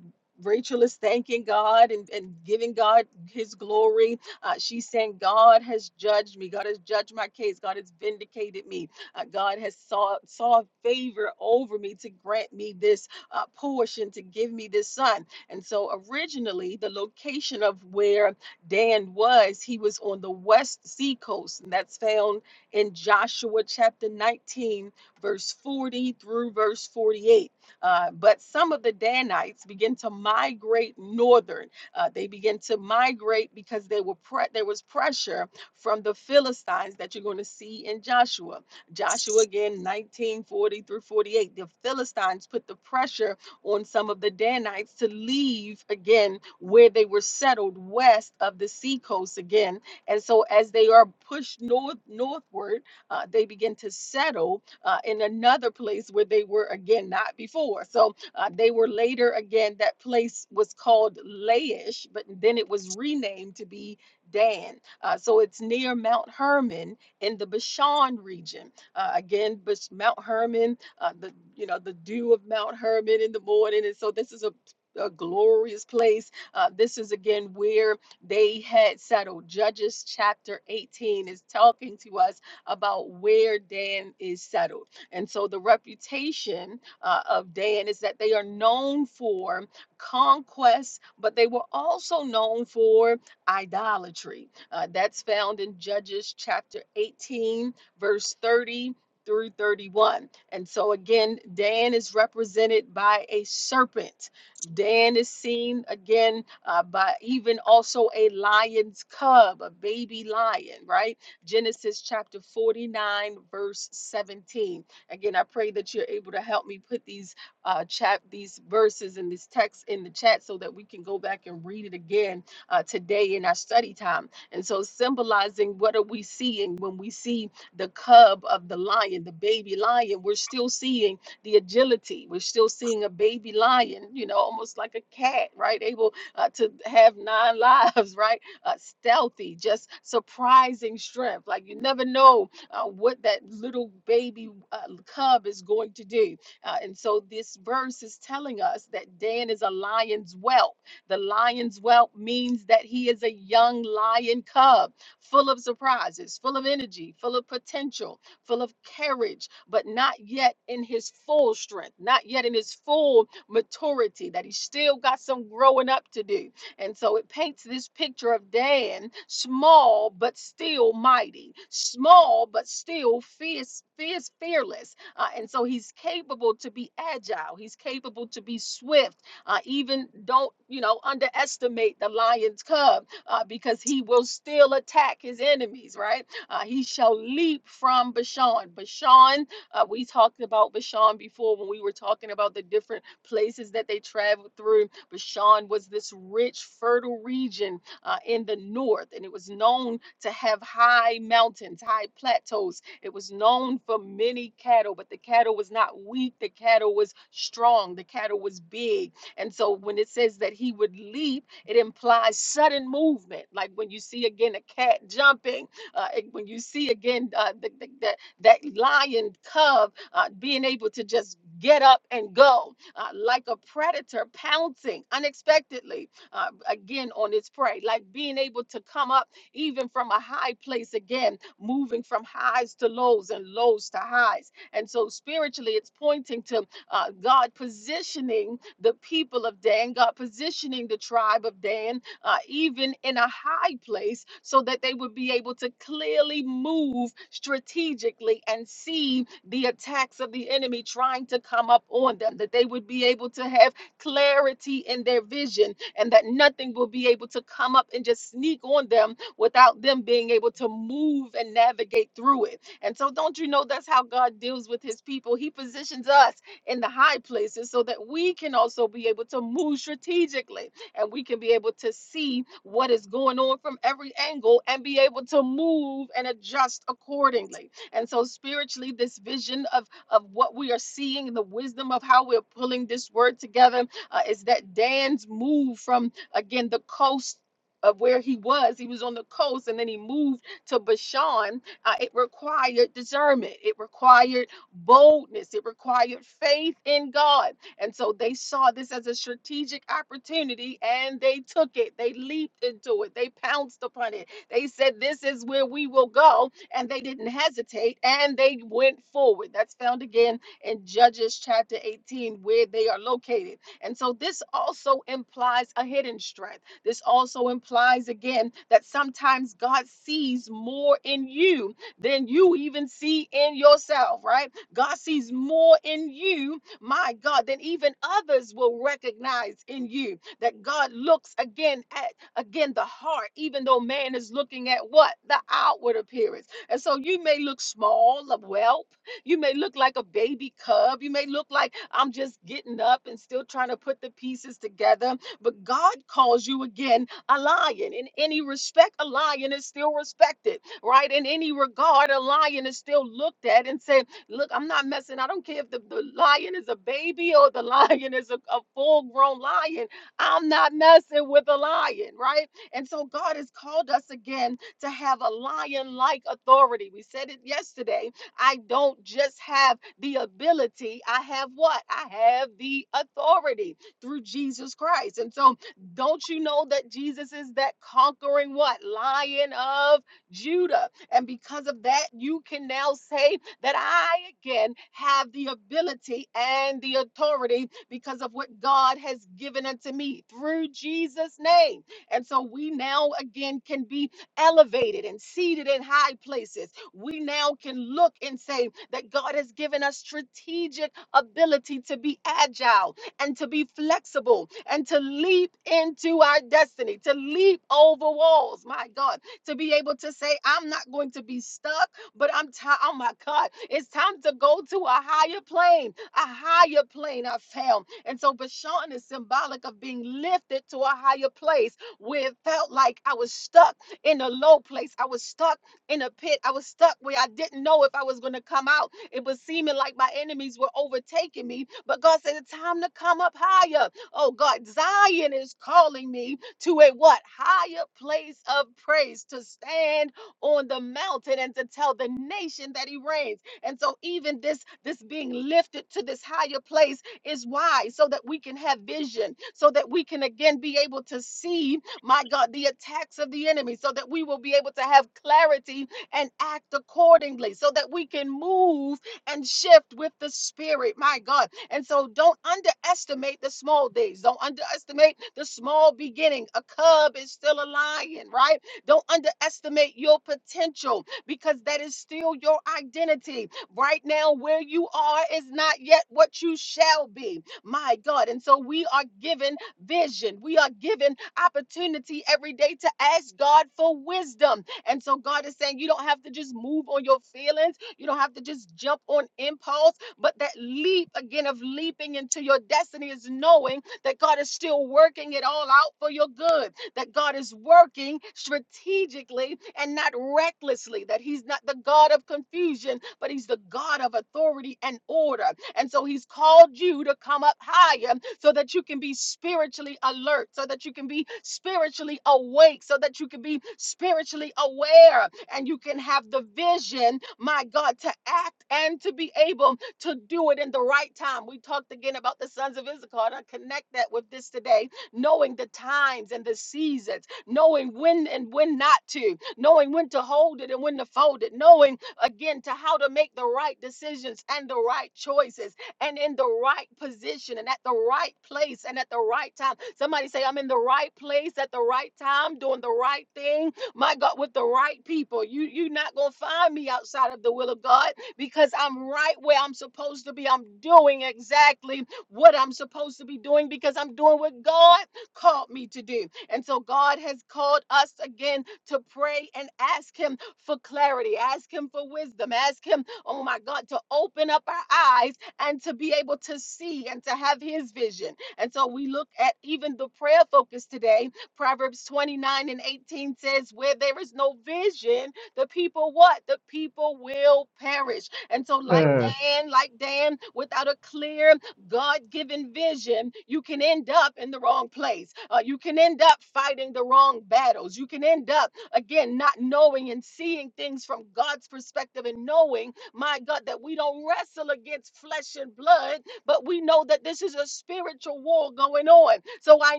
Speaker 1: Rachel is thanking God and, and giving God his glory. Uh, she's saying, God has judged me. God has judged my case. God has vindicated me. Uh, God has saw, saw favor over me to grant me this uh, portion, to give me this son. And so originally, the location of where Dan was, he was on the west sea coast. And that's found in Joshua chapter 19, verse 40 through verse 48 uh, but some of the Danites begin to migrate northern. Uh, they begin to migrate because they were pre- there was pressure from the Philistines that you're going to see in Joshua. Joshua again, 1940 through 48. The Philistines put the pressure on some of the Danites to leave again where they were settled west of the seacoast again. And so as they are pushed north northward, uh, they begin to settle uh, in another place where they were again not before. So uh, they were later again, that place was called Laish, but then it was renamed to be Dan. Uh, so it's near Mount Hermon in the Bashan region. Uh, again, Bash- Mount Hermon, uh, the you know the dew of Mount Hermon in the morning, and so this is a a glorious place. Uh, this is again where they had settled. Judges chapter 18 is talking to us about where Dan is settled. And so the reputation uh, of Dan is that they are known for conquest, but they were also known for idolatry. Uh, that's found in Judges chapter 18, verse 30 through 31. And so again, Dan is represented by a serpent. Dan is seen again uh, by even also a lion's cub, a baby lion, right? Genesis chapter 49, verse 17. Again, I pray that you're able to help me put these uh, chap these verses and this text in the chat so that we can go back and read it again uh, today in our study time. And so, symbolizing what are we seeing when we see the cub of the lion, the baby lion? We're still seeing the agility. We're still seeing a baby lion, you know, almost like a cat, right? Able uh, to have nine lives, right? uh, stealthy, just surprising strength. Like you never know uh, what that little baby uh, cub is going to do. Uh, and so this verse is telling us that Dan is a lion's whelp. The lion's whelp means that he is a young lion cub, full of surprises, full of energy, full of potential, full of courage, but not yet in his full strength, not yet in his full maturity, that he still got some growing up to do. And so it paints this picture of Dan, small but still mighty, small but still fierce, fierce fearless. Uh, and so he's capable to be agile. He's capable to be swift. Uh, even don't you know underestimate the lion's cub uh, because he will still attack his enemies. Right? Uh, he shall leap from Bashan. Bashan. Uh, we talked about Bashan before when we were talking about the different places that they traveled through Bashan was this rich, fertile region uh, in the north, and it was known to have high mountains, high plateaus. It was known for many cattle, but the cattle was not weak. The cattle was strong. The cattle was big. And so when it says that he would leap, it implies sudden movement. Like when you see again a cat jumping, uh, it- when you see again uh, the, the, that that lion cub uh, being able to just get up and go uh, like a predator pouncing unexpectedly uh, again on its prey, like being able to come up even from a high place again, moving from highs to lows and lows to highs. And so spiritually, it's pointing to uh, God positioning the people of Dan, God positioning the tribe of Dan, uh, even in a high place, so that they would be able to clearly move strategically and see the attacks of the enemy trying to come up on them, that they would be able to have clarity in their vision and that nothing will be able to come up and just sneak on them without them being able to move and navigate through it. And so, don't you know that's how God deals with his people? He positions us in the high places so that we can also be able to move strategically and we can be able to see what is going on from every angle and be able to move and adjust accordingly. And so spiritually, this vision of, of what we are seeing and the wisdom of how we're pulling this word together uh, is that Dan's move from, again, the coast of where he was. He was on the coast and then he moved to Bashan. Uh, it required discernment. It required boldness. It required faith in God. And so they saw this as a strategic opportunity and they took it. They leaped into it. They pounced upon it. They said, This is where we will go and they didn't hesitate and they went forward. That's found again in Judges chapter 18, where they are located. And so this also implies a hidden strength. This also implies, again, that sometimes God sees more in you than you even see in yourself, right? God sees more in you, my God, than even others will recognize in you. That God looks again at again the heart, even though man is looking at what? The outward appearance and so you may look small, a whelp. You may look like a baby cub. You may look like I'm just getting up and still trying to put the pieces together. But God calls you again a lion. In any respect, a lion is still respected, right? In any regard, a lion is still looked at and said, Look, I'm not messing. I don't care if the, the lion is a baby or the lion is a, a full grown lion. I'm not messing with a lion, right? And so God has called us again to have a lion like authority. We said it yesterday. I don't just have the ability, I have what? I have the authority through Jesus Christ. And so, don't you know that Jesus is that conquering what? Lion of Judah. And because of that, you can now say that I again have the ability and the authority because of what God has given unto me through Jesus' name. And so we now again can be elevated and seated in high places, we now can look and say that God has given us strategic ability to be agile and to be flexible and to leap into our destiny, to leap over walls, my God, to be able to say, I'm not going to be stuck, but I'm tired. Oh my God, it's time to go to a higher plane, a higher plane I found. And so Bashan is symbolic of being lifted to a higher place where it felt like I was stuck in a low place. I was stuck in a pit. I was stuck where I didn't know if I was going to come out. It was seeming like my enemies were overtaking me. But God said, It's time to come up higher. Oh, God, Zion is calling me to a what? Higher place of praise to stand on the mountain and to tell the nation that He reigns. And so, even this, this being lifted to this higher place is why, so that we can have vision, so that we can again be able to see my God, the attacks of the enemy, so that we will be able to have clarity and act accordingly, so that we can move and shift with the spirit, my God. And so don't underestimate the small things, don't underestimate the small beginning. A cub is still a lion, right? Don't underestimate your potential because that is still your identity. Right now, where you are is not yet what you shall be, my God. And so we are given vision, we are given opportunity every day to ask God for wisdom. And so God is saying you don't have to just move on your feelings, you don't have to just jump on impulse, but that leap again of leaping into your destiny is knowing that God is still working it all out for your good, that God is working strategically and not recklessly, that He's not the God of confusion, but He's the God of authority and order. And so he's called you to come up higher so that you can be spiritually alert, so that you can be spiritually awake, so that you can be spiritually aware and you can have the vision, my God, to act and to be able to do it in the right time. We talked again about the sons of Issachar, and I connect that with this today, knowing the times and the seasons, knowing when and when not to, knowing when to hold it and when to fold it, knowing again to how to make the right decisions and the right choices and in the right position and at the right place and at the right time. Somebody say, I'm in the right place at the right time, doing the right thing. My God, with the right people. You you're not gonna find me outside of the will of God because I'm right where I'm supposed to be. I'm doing exactly what I'm supposed to be doing because I'm doing what God called me to do. And so God has called us again to pray and ask Him for clarity, ask Him for wisdom, ask Him, oh my God, to open up our eyes and to be able to see and to have His vision. And so we look at even the prayer focus today. Proverbs 29 and 18 says, Where there is no vision, the people what? The people will perish. And so, like
Speaker 4: Prayer.
Speaker 10: Perish.
Speaker 1: Dan, like Dan, without a clear God given vision, you can end up in the wrong place. Uh, you can end up fighting the wrong battles. You can end up Again, not knowing and seeing things from God's perspective and knowing, my God, that we don't wrestle against flesh and blood, but we know that this is a spiritual war going on. So I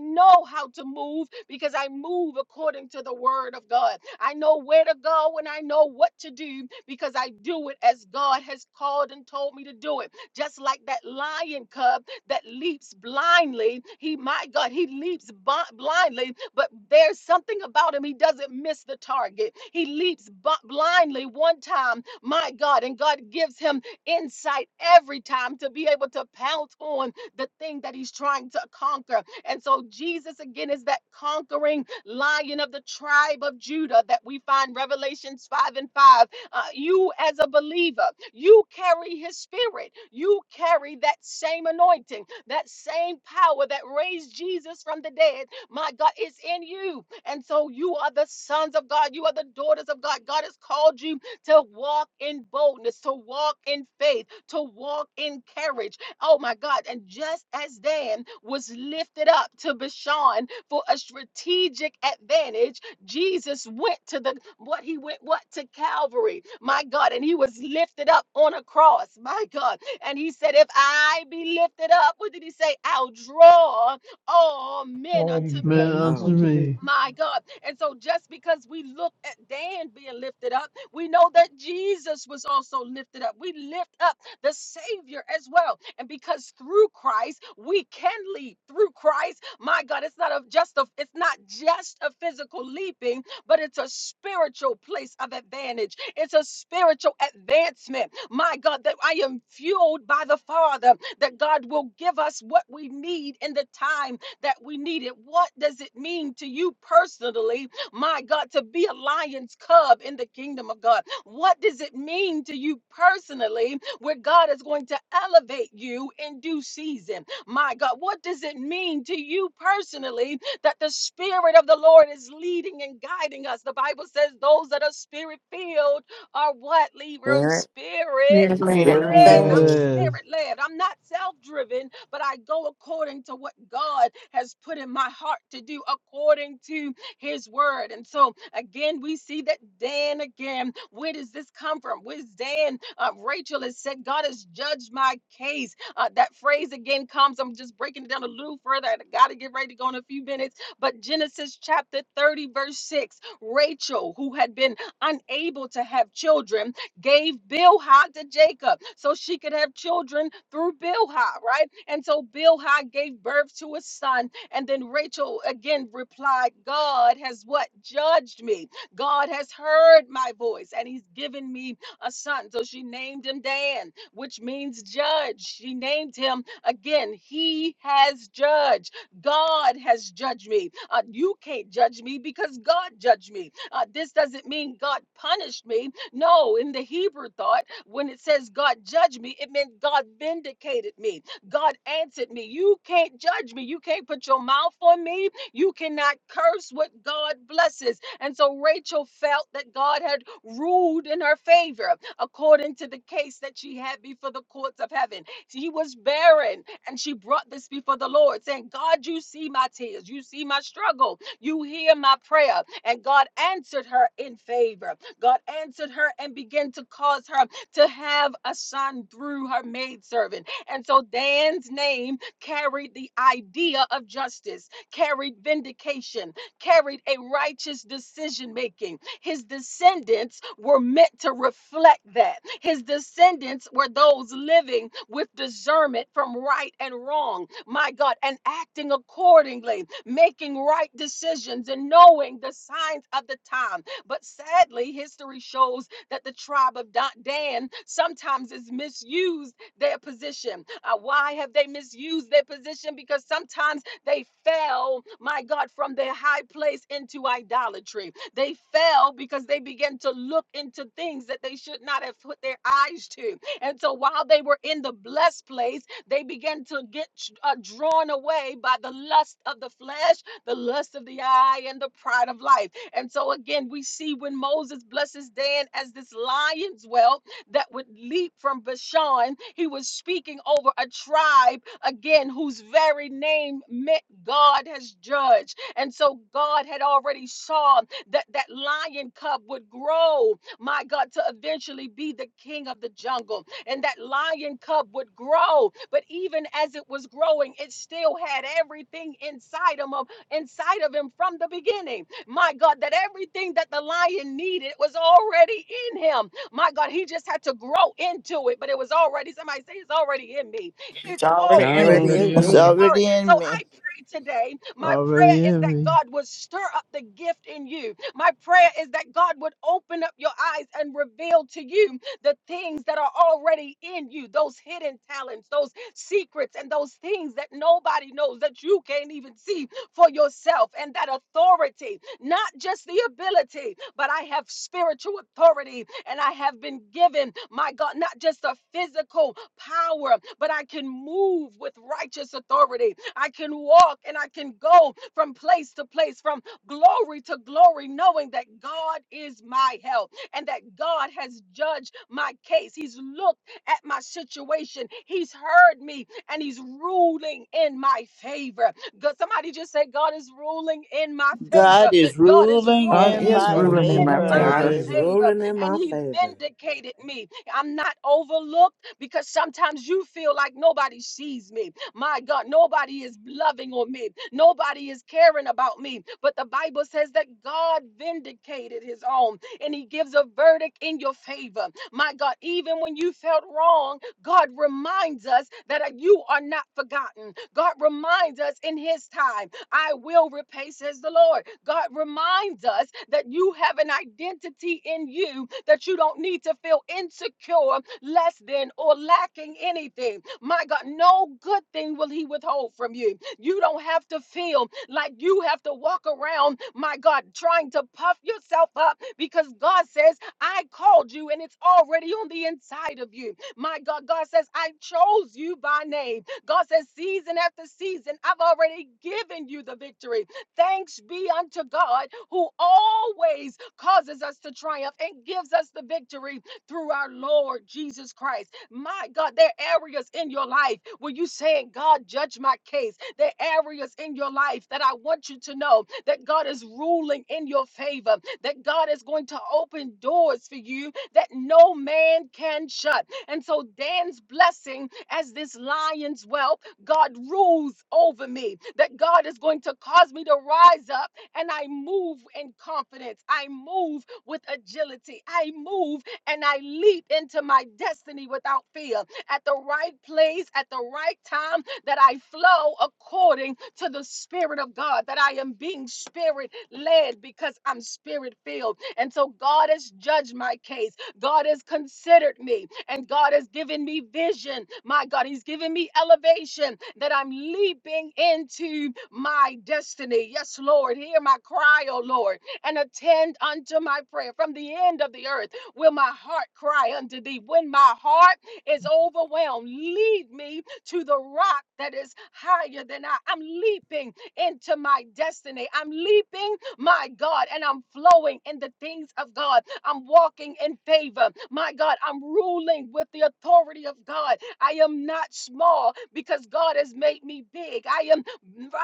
Speaker 1: know how to move because I move according to the word of God. I know where to go and I know what to do because I do it as God has called and told me to do it. Just like that lion cub that leaps blindly. He, my God, he leaps bu- blindly, but there's something about him. He doesn't miss the target. He leaps blindly one time, my God, and God gives him insight every time to be able to pounce on the thing that he's trying to conquer. And so Jesus, again, is that conquering lion of the tribe of Judah that we find Revelations 5 and 5 uh, you as a believer, you carry his spirit. You carry that same anointing, that same power that raised Jesus from the dead. My God, it's in you. And so you are the sons of God. You are the daughters of God. God has called you to walk in boldness, to walk in faith, to walk in courage. Oh my God. And just as Dan was lifted up to Bashan for a strategic advantage, Jesus went to the what he went what to Calvary, my God, and he was lifted up on a cross, my God. And he said, If I be lifted up, what did he say? I'll draw all men
Speaker 10: All
Speaker 1: unto me.
Speaker 4: Men
Speaker 10: men
Speaker 4: unto
Speaker 9: Oh,
Speaker 10: unto
Speaker 4: me,
Speaker 10: me.
Speaker 1: My God. And so, just because we look at Dan being lifted up, we know that Jesus was also lifted up. We lift up the Savior as well. And because through Christ, we can leap through Christ. My God, it's not a, just a, it's not just a physical leaping, but it's a spiritual place of advantage. It's a spiritual advancement. My God, that I am fueled by the Father, that God will give us what we need in the time that we needed. What does it mean to you personally, my God, to be a lion's cub in the kingdom of God? What does it mean to you personally where God is going to elevate you in due season? My God, what does it mean to you personally that the Spirit of the Lord is leading and guiding us? The Bible says those that are spirit filled are what? Leave room
Speaker 9: Spirit,
Speaker 1: spirit
Speaker 5: Amen.
Speaker 10: Spirit
Speaker 3: Very
Speaker 4: you're
Speaker 1: led. I'm
Speaker 3: fast.
Speaker 10: led.
Speaker 4: glass,
Speaker 1: spirit led. I'm not self driven, but I go according to what God has put in my heart to do according to his word. And so, again, we see that Dan again. Where does this come from? Where's Dan? Uh, Rachel has said, God has judged my case. Uh, that phrase again comes. I'm just breaking it down a little further. I got to get ready to go in a few minutes. But Genesis chapter 30, verse 6 Rachel, who had been unable to have children, gave Bilhah to Jacob so she could have children through Bilhah, right? And so Bilhah gave birth to a son. And then Rachel again replied, God has what? Judged me. God has heard my voice and he's given me a son. So she named him Dan, which means judge. She named him again, he has judged. God has judged me. Uh, you can't judge me because God judged me. Uh, this doesn't mean God punished me. No, in the Hebrew thought, when it says God judged me, it meant God vindicated me. God answered me. You can't judge me. You can't put your mouth on me. You cannot curse what God blesses. And so Rachel felt that God had ruled in her favor according to the case that she had before the courts of heaven. She was barren and she brought this before the Lord, saying, God, you see my tears. You see my struggle. You hear my prayer. And God answered her in favor. God answered her and began to cause her to have a son through her maidservant. And so Dan's name carried the idea of justice, carried vindication, carried a righteous decision making. His descendants were meant to reflect that. His descendants were those living with discernment from right and wrong, my God, and acting accordingly, making right decisions and knowing the signs of the time. But sadly, history shows that the tribe of Da- Dan sometimes has misused their position. Uh, why have they misused their position? Because sometimes they fell, my God, from their high place into idolatry. They fell because they began to look into things that they should not have put their eyes to. And so while they were in the blessed place, they began to get uh, drawn away by the lust of the flesh the lust of the eye, and the pride of life. And so, again, we see when Moses blesses Dan as this lion's well that would leap from Bashan, he was speaking over a tribe, again, whose very name meant God has judged. And so, God had already saw that that lion cub would grow, my God, to eventually be the king of the jungle. And that lion cub would grow. But even as it was growing, it still had everything inside him of inside of him from the beginning. My God, that everything that the lion needed was already in him. My God, he just had to grow into it, but it was already, somebody say, it's already in me.
Speaker 5: It's
Speaker 1: It's
Speaker 9: it's
Speaker 5: already
Speaker 10: It's
Speaker 5: in
Speaker 1: already
Speaker 9: already
Speaker 5: me.
Speaker 10: Already
Speaker 9: in
Speaker 1: in
Speaker 10: in
Speaker 6: It's
Speaker 1: me.
Speaker 9: me.
Speaker 1: It's
Speaker 10: me.
Speaker 1: already.
Speaker 6: already
Speaker 1: So
Speaker 6: in
Speaker 1: I
Speaker 6: me.
Speaker 1: pray today. My prayer
Speaker 4: already
Speaker 1: is that
Speaker 4: heavy.
Speaker 1: God would stir up the gift in you. My prayer is that God would open up your eyes and reveal to you the things that are already in you, those hidden talents, those secrets, and those things that nobody knows that you can't even see for yourself and that authority, not just the ability, but I have spiritual authority and I have been given, my God, not just a physical power, but I can move with righteous authority. I can walk and I can go from place to place, from glory to glory, knowing that God is my help and that God has judged my case. He's looked at my situation, He's heard me, and He's ruling in my favor. God, somebody just say, God is ruling in my
Speaker 6: God
Speaker 1: favor.
Speaker 6: is
Speaker 1: God is
Speaker 6: ruling
Speaker 5: God
Speaker 6: in
Speaker 1: ruling
Speaker 5: is
Speaker 6: my
Speaker 10: God is
Speaker 5: ruling in
Speaker 1: in
Speaker 5: my
Speaker 10: ruling in
Speaker 6: favor.
Speaker 10: my
Speaker 9: God
Speaker 1: my
Speaker 5: favor.
Speaker 9: is
Speaker 10: favor.
Speaker 1: favor
Speaker 9: ruling in
Speaker 1: and
Speaker 9: my
Speaker 1: he
Speaker 9: favor.
Speaker 1: vindicated me. I'm not overlooked because sometimes you feel like nobody sees me. My God, nobody is loving on me. Nobody is caring about me. But the Bible says that God vindicated his own and he gives a verdict in your favor. My God, even when you felt wrong, God reminds us that uh, you are not forgotten. God reminds us in his time I will repay, says the Lord. God reminds us that you have an identity in you that you don't need to feel insecure, less than, or lacking anything. My God, no good thing will He withhold from you. You don't have to feel like you have to walk around, my God, trying to puff yourself up because God says, I called you and it's already on the inside of you. My God, God says, I chose you by name. God says, season after season, I've already given you the victory. Thanks be unto God who always causes us to triumph and gives us the victory through our Lord Jesus Christ. My God, there are areas in your life where you saying, God, judge my case. There are areas in your life that I want you to know that God is ruling in your favor, that God is going to open doors for you that no man can shut. And so Dan's blessing as this lion's whelp, God rules over me. That God is going to cause me to rise up and I move in confidence. I move with agility. I move and I leap into my destiny without fear. At the right place, at the right time, that I flow according to the Spirit of God, that I am being spirit led because I'm spirit filled. And so God has judged my case. God has considered me. And God has given me vision. My God, He's given me elevation that I'm leaping into my destiny. Yes, Lord, hear my cry, O Lord, and attend unto my prayer. From the end of the earth will my heart cry unto thee. When my heart is overwhelmed, lead me to the rock that is higher than I. I'm leaping into my destiny. I'm leaping, my God, and I'm flowing in the things of God. I'm walking in favor. My God, I'm ruling with the authority of God. I am not small because God has made me big. I am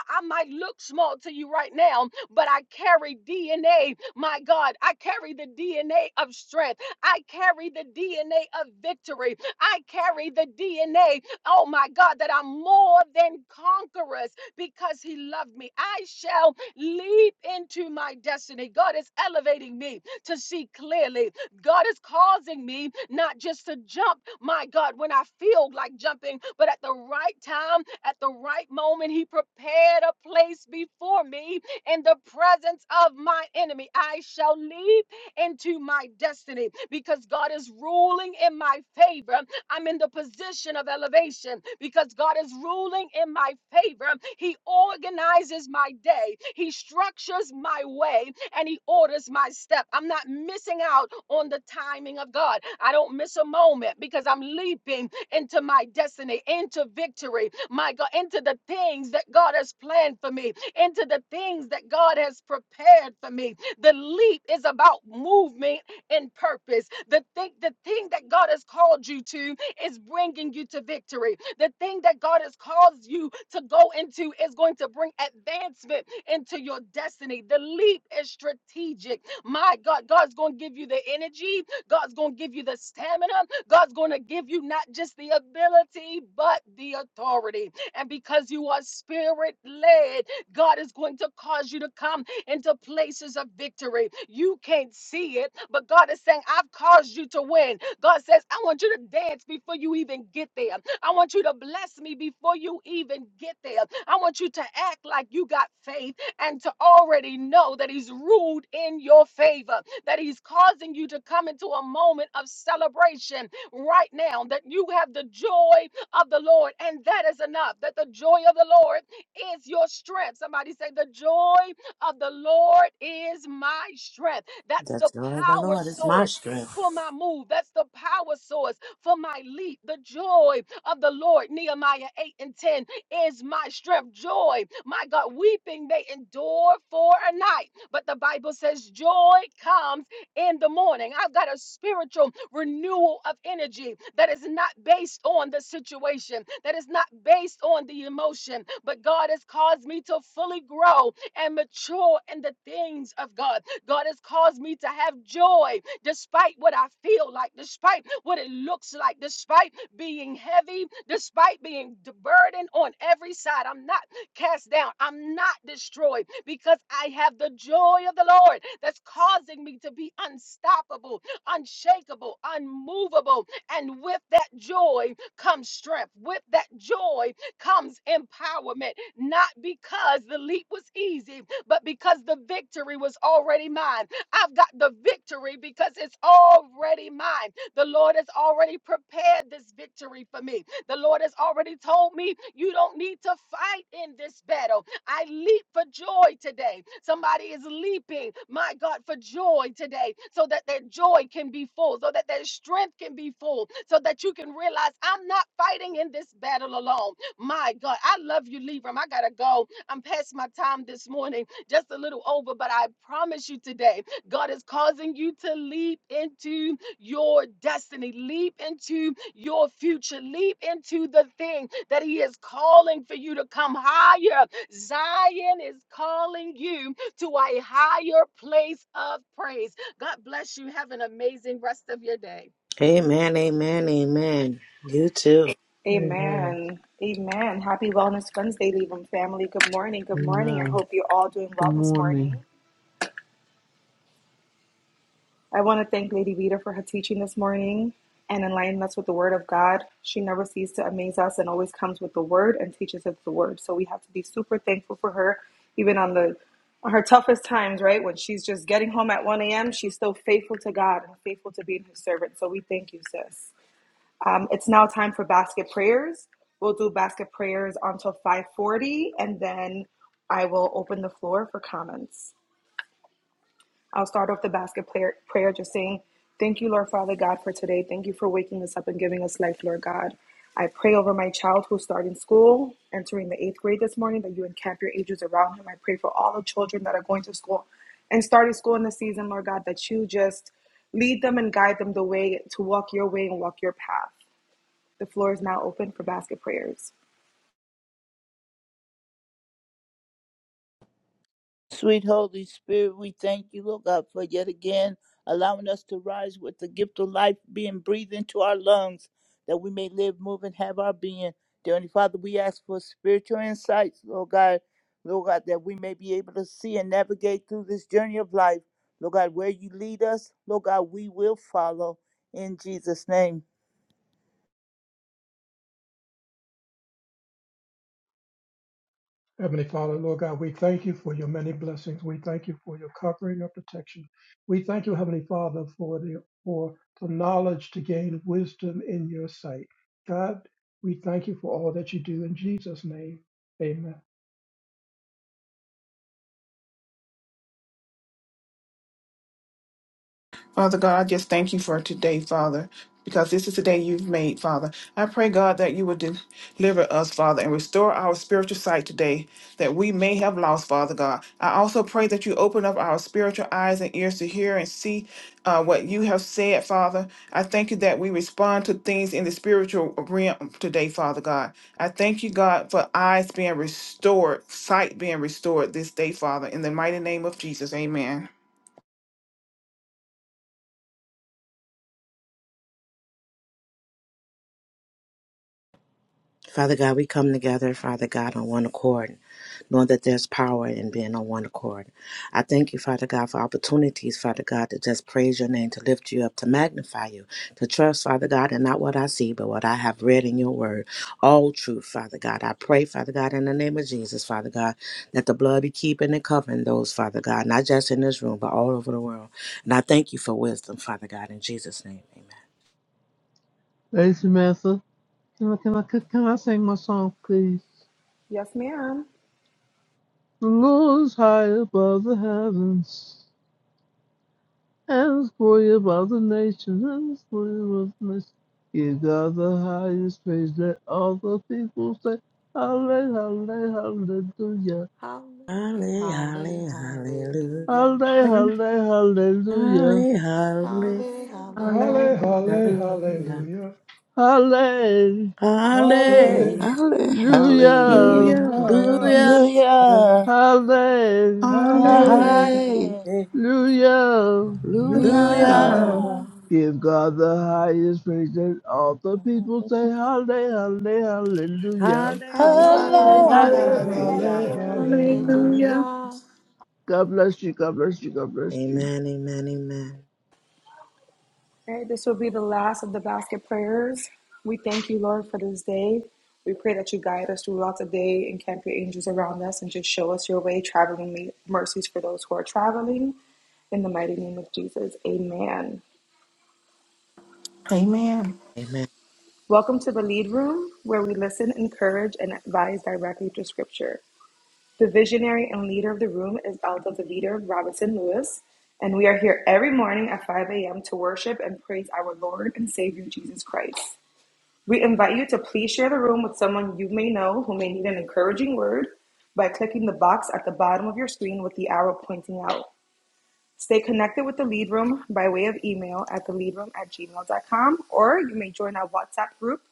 Speaker 1: I might look small to you right now, but I carry DNA. My God, I carry the DNA of strength. I carry the DNA of victory. I carry the DNA, oh my God, that I'm more than conquerors because he loved me. I shall leap into my destiny. God is elevating me to see clearly. God is causing me not just to jump, my God, when I feel like jumping, but at the right time, at the right moment, He prepared a place before me in the presence of my enemy. I shall leap into my destiny because God is ruling in my favor. I'm in the position of elevation because God is ruling in my favor. He organizes my day, He structures my way, and He orders my step. I'm not missing out on the timing of God. I don't miss a moment because I'm leaping into my destiny, into victory, my God, into the things that God has planned for me, into the things that God has prepared for me. The leap is about movement and purpose. The thing, the thing that God has called you to is bringing you to victory. The thing that God has caused you to go into is going to bring advancement into your destiny. The leap is strategic. My God, God's going to give you the energy, God's going to give you the stamina, God's going to give you not just the ability, but the authority. And because you are spirit led, God is going to cause you to come into places of victory. You can't see it, but God is saying, I've caused you to win. God says, I want you to dance before you even get there. I want you to bless me before you even get there. I want you to act like you got faith and to already know that He's ruled in your favor, that He's causing you to come into a moment of celebration right now, that you have the joy of the Lord, and that is enough, that the joy of the Lord is your strength. Somebody say, The joy of the Lord is my strength. That's
Speaker 9: The
Speaker 1: the
Speaker 9: joy of the
Speaker 1: power
Speaker 9: Lord is my
Speaker 1: source
Speaker 9: strength.
Speaker 1: for my move, that's the power source for my leap, the joy of the Lord, Nehemiah 8 and 10, is my strength. Joy, my God, weeping may endure for a night, but the Bible says joy comes in the morning. I've got a spiritual renewal of energy that is not based on the situation, that is not based on the emotion, but God has caused me to fully grow and mature in the things of God. God has caused me to have joy despite what I feel like, despite what it looks like, despite being heavy, despite being burdened on every side. I'm not cast down. I'm not destroyed because I have the joy of the Lord that's causing me to be unstoppable, unshakable, unmovable. And with that joy comes strength. With that joy comes empowerment, not because the leap was easy, but because the victory was already mine. I've got the victory because it's already mine. The Lord has already prepared this victory for me. The Lord has already told me you don't need to fight in this battle. I leap for joy today. Somebody is leaping, my God, for joy today so that their joy can be full, so that their strength can be full, so that you can realize I'm not fighting in this battle alone. My God, I love you, Libram. I got to go. I'm past my time this morning, just a little over, but I promise you today, God is causing you to leap into your destiny, leap into your future, leap into the thing that He is calling for you to come higher. Zion is calling you to a higher place of praise. God bless you. Have an amazing rest of your day.
Speaker 9: Amen, amen, amen. You too.
Speaker 10: Amen.
Speaker 2: Amen. Amen. Happy Wellness Wednesday, Leveum family. Good morning. Good morning. I
Speaker 4: Amen.
Speaker 2: hope you're all doing
Speaker 4: Good
Speaker 2: well this morning.
Speaker 4: morning.
Speaker 2: I want to thank Lady Vita for her teaching this morning and enlightening us with the Word of God. She never ceases to amaze us and always comes with the Word and teaches us the Word. So we have to be super thankful for her, even on the on her toughest times, right? When she's just getting home at 1 a.m., she's still faithful to God and faithful to being his servant. So we thank you, sis. Um, It's now time for basket prayers. We'll do basket prayers until 5:40, and then I will open the floor for comments. I'll start off the basket prayer, prayer just saying, "Thank you, Lord Father God, for today. Thank you for waking us up and giving us life, Lord God." I pray over my child who's starting school, entering the eighth grade this morning, that you encamp your angels around him. I pray for all the children that are going to school and starting school in the season, Lord God, that you just lead them and guide them the way to walk your way and walk your path. The floor is now open for basket prayers.
Speaker 6: Sweet Holy Spirit, we thank you, Lord God, for yet again allowing us to rise with the gift of life being breathed into our lungs, that we may live, move, and have our being. Dear Heavenly Father, we ask for spiritual insights, Lord God, Lord God, that we may be able to see and navigate through this journey of life. Lord God, where you lead us, Lord God, we will follow in Jesus' name.
Speaker 10: Heavenly Father, Lord God, we thank you for your many blessings. We thank you for your covering and protection. We thank you, Heavenly Father, for the for the knowledge to gain wisdom in your sight. God, we thank you for all that you do in Jesus' name. Amen.
Speaker 5: Father God, I just thank you for today, Father, because this is the day you've made, Father. I pray, God, that you would deliver us, Father, and restore our spiritual sight today that we may have lost, Father God. I also pray that you open up our spiritual eyes and ears to hear and see uh, what you have said, Father. I thank you that we respond to things in the spiritual realm today, Father God. I thank you, God, for eyes being restored, sight being restored this day, Father. In the mighty name of Jesus, amen.
Speaker 9: Father God, we come together, Father God, on one accord, knowing that there's power in being on one accord. I thank you, Father God, for opportunities, Father God, to just praise your name, to lift you up, to magnify you, to trust, Father God, and not what I see, but what I have read in your word. All truth, Father God. I pray, Father God, in the name of Jesus, Father God, that the blood be keeping and covering those, Father God, not just in this room, but all over the world. And I thank you for wisdom, Father God, in Jesus' name. Amen.
Speaker 4: Ladies and Master, can I, can, I, can I sing my song, please?
Speaker 2: Yes, ma'am.
Speaker 4: The Lord is high above the heavens, and his glory above the nations, and his glory above the nations. Give God the highest praise, let all the people say, Hallelujah, hallelujah,
Speaker 11: Hallelujah,
Speaker 9: Halle, halle,
Speaker 11: hallelujah,
Speaker 4: hallelujah,
Speaker 9: hallelujah.
Speaker 5: Hallelujah.
Speaker 4: hallelujah, hallelujah.
Speaker 9: Halle,
Speaker 11: hallelujah.
Speaker 9: halle,
Speaker 11: Hallelujah,
Speaker 10: Halle,
Speaker 5: Hallelujah.
Speaker 10: halle,
Speaker 9: hallelujah.
Speaker 10: hallelujah.
Speaker 4: Hallelujah.
Speaker 10: Hallelujah.
Speaker 11: hallelujah,
Speaker 9: Hallelujah.
Speaker 12: Halle- Hallelujah.
Speaker 4: Hallelujah.
Speaker 6: Hallelujah.
Speaker 4: Hallelujah.
Speaker 10: Hallelujah.
Speaker 11: hallelujah.
Speaker 6: Hallelujah.
Speaker 12: Hallelujah.
Speaker 5: Hallelujah.
Speaker 9: Hallelujah.
Speaker 11: Hallelujah,
Speaker 4: Give God the highest praise and all the people say hallelujah, hallelujah.
Speaker 9: Halle,
Speaker 2: Halle,
Speaker 9: halle,
Speaker 3: Hallelujah,
Speaker 2: halle,
Speaker 6: Hallelujah,
Speaker 10: Halle,
Speaker 9: hallelujah.
Speaker 10: halle,
Speaker 11: hallelujah,
Speaker 2: hallelujah.
Speaker 3: hallelujah.
Speaker 6: hallelujah.
Speaker 10: hallelujah.
Speaker 5: Hallelujah.
Speaker 11: hallelujah.
Speaker 4: God bless you, God bless you, God bless you.
Speaker 9: Amen, amen, amen.
Speaker 2: All right, this will be the last of the basket prayers. We thank you, Lord, for this day. We pray that you guide us throughout the day and camp your angels around us and just show us your way, traveling mercies for those who are traveling. In the mighty name of Jesus, amen.
Speaker 5: Amen.
Speaker 9: Amen.
Speaker 2: Welcome to the lead room where we listen, encourage, and advise directly through scripture. The visionary and leader of the room is Elder Davida Robinson Lewis, and we are here every morning at 5 a.m. to worship and praise our Lord and Savior Jesus Christ. We invite you to please share the room with someone you may know who may need an encouraging word by clicking the box at the bottom of your screen with the arrow pointing out. Stay connected with the lead room by way of email at theleadroom at gmail.com, or you may join our WhatsApp group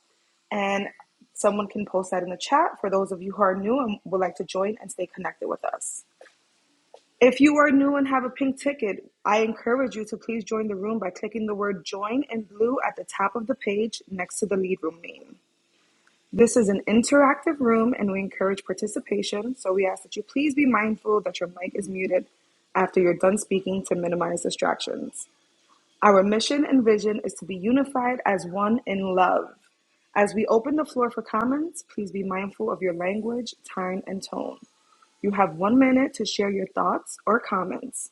Speaker 2: and someone can post that in the chat for those of you who are new and would like to join and stay connected with us. If you are new and have a pink ticket, I encourage you to please join the room by clicking the word join in blue at the top of the page next to the lead room name. This is an interactive room and we encourage participation, so we ask that you please be mindful that your mic is muted after you're done speaking to minimize distractions. Our mission and vision is to be unified as one in love. As we open the floor for comments, please be mindful of your language, time, and tone. You have one minute to share your thoughts or comments.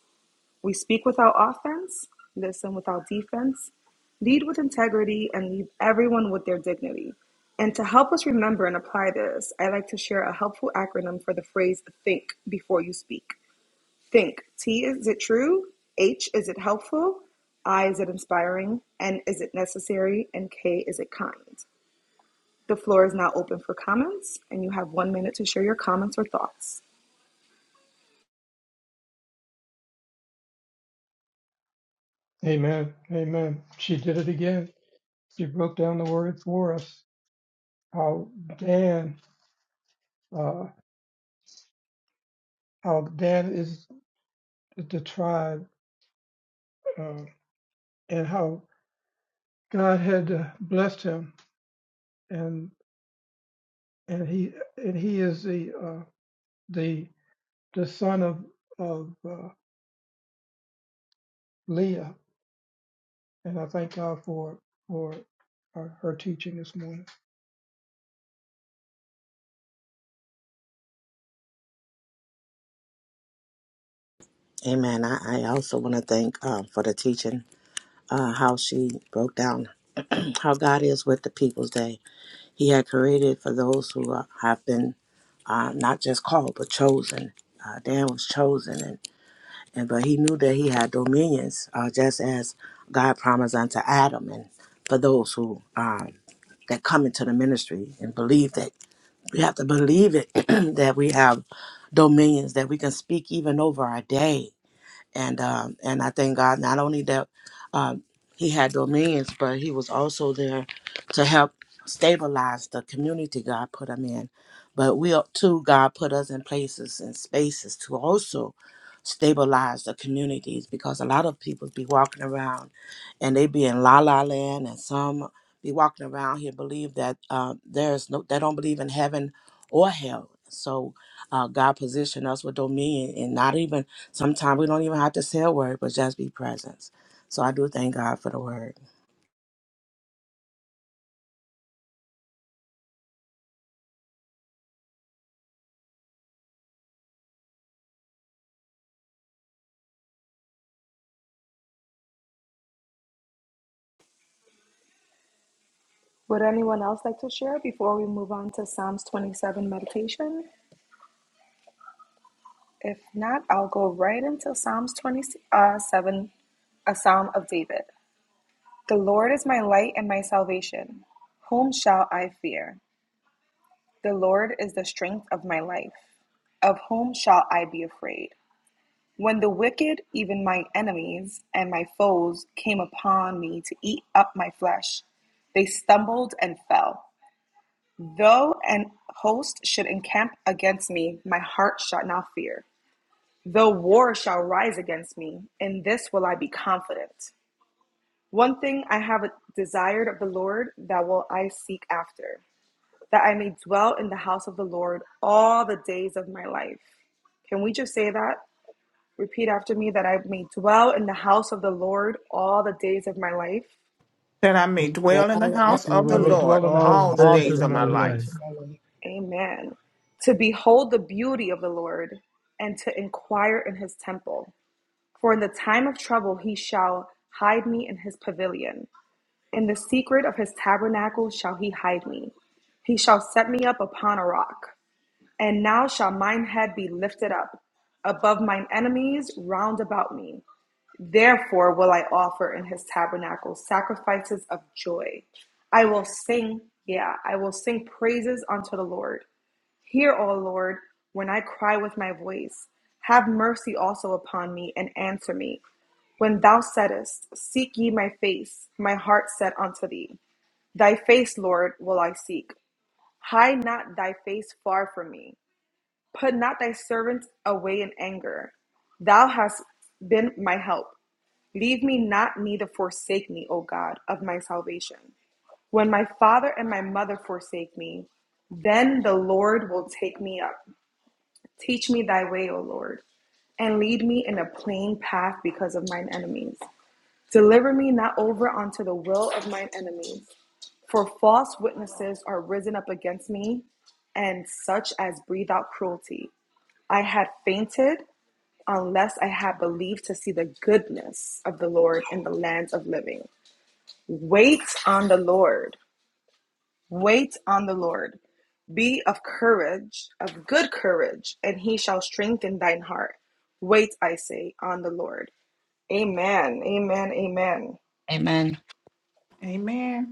Speaker 2: We speak without offense, listen without defense, lead with integrity, and leave everyone with their dignity. And to help us remember and apply this, I like to share a helpful acronym for the phrase think before you speak. Think T is it true? H is it helpful? I is it inspiring? N is it necessary? And K is it kind? The floor is now open for comments, and you have one minute to share your comments or thoughts.
Speaker 10: Amen. Amen. She did it again. she broke down the word for us how Dan, uh, how Dan is the tribe, uh, and how God had uh, blessed him, and and he and he is the uh, the the son of of uh, Leah, and I thank God for for her, her teaching this morning.
Speaker 9: Amen. I, I also want to thank um, for the teaching, uh, how she broke down how God is with the people's day He had created for those who are- have been uh, not just called but chosen. Uh, Dan was chosen, and, and but he knew that he had dominions, uh, just as God promised unto Adam, and for those who um, that come into the ministry and believe that we have to believe it that we have dominions that we can speak even over our day and um, and I thank God not only that um, he had dominions, but he was also there to help stabilize the community God put him in. But we are- too, God put us in places and spaces to also stabilize the communities because a lot of people be walking around and they be in la la land, and some be walking around here believe that uh, there's no, they don't believe in heaven or hell. So uh, God positioned us with dominion and not even Sometimes we don't even have to say a word, but just be present. So I do thank God for the word.
Speaker 2: Would anyone else like to share before we move on to Psalms 27 meditation? If not, I'll go right into Psalms 27, uh, seven, a psalm of David. The Lord is my light and my salvation. Whom shall I fear? The Lord is the strength of my life. Of whom shall I be afraid? When the wicked, even my enemies and my foes, came upon me to eat up my flesh, they stumbled and fell. Though an host should encamp against me, my heart shall not fear. Though war shall rise against me, in this will I be confident. One thing I have desired of the Lord, that will I seek after, that I may dwell in the house of the Lord all the days of my life. Can we just say that? Repeat after me that I may dwell in the house of the Lord all the days of my life.
Speaker 5: That I may dwell in the
Speaker 9: Girl, and I
Speaker 10: I,
Speaker 5: house of
Speaker 10: I
Speaker 5: the
Speaker 9: do
Speaker 10: may
Speaker 4: For
Speaker 5: Lord
Speaker 10: dwell in the
Speaker 4: all
Speaker 10: house
Speaker 4: the
Speaker 10: of
Speaker 5: all
Speaker 10: the
Speaker 5: the
Speaker 9: All
Speaker 10: Lord
Speaker 4: days
Speaker 9: the
Speaker 5: days
Speaker 4: of
Speaker 9: good.
Speaker 5: of
Speaker 4: my
Speaker 5: my
Speaker 10: all the
Speaker 4: life.
Speaker 10: days of
Speaker 5: life.
Speaker 10: my life.
Speaker 2: Amen. To behold the beauty of the Lord and to inquire in his temple. For in the time of trouble he shall hide me in his pavilion. In the secret of his tabernacle shall he hide me. He shall set me up upon a rock. And now shall mine head be lifted up above mine enemies round about me. Therefore will I offer in his tabernacle sacrifices of joy. I will sing, yeah, I will sing praises unto the Lord. Hear, O Lord, when I cry with my voice. Have mercy also upon me and answer me. When thou saidest, Seek ye my face, my heart said unto thee. Thy face, Lord, will I seek. Hide not thy face far from me. Put not thy servant away in anger. Thou hast been my help. Leave me not, neither forsake me, O God of my salvation. When my father and my mother forsake me, then the Lord will take me up. Teach me thy way, O Lord, and lead me in a plain path because of mine enemies. Deliver me not over unto the will of mine enemies, For false witnesses are risen up against me, and such as breathe out cruelty. I had fainted unless I had believed to see the goodness of the Lord in the land of living. Wait on the Lord. Wait on the Lord. Be of courage, of good courage, and he shall strengthen thine heart. Wait, I say, on the Lord. Amen. Amen. Amen.
Speaker 13: Amen.
Speaker 5: Amen.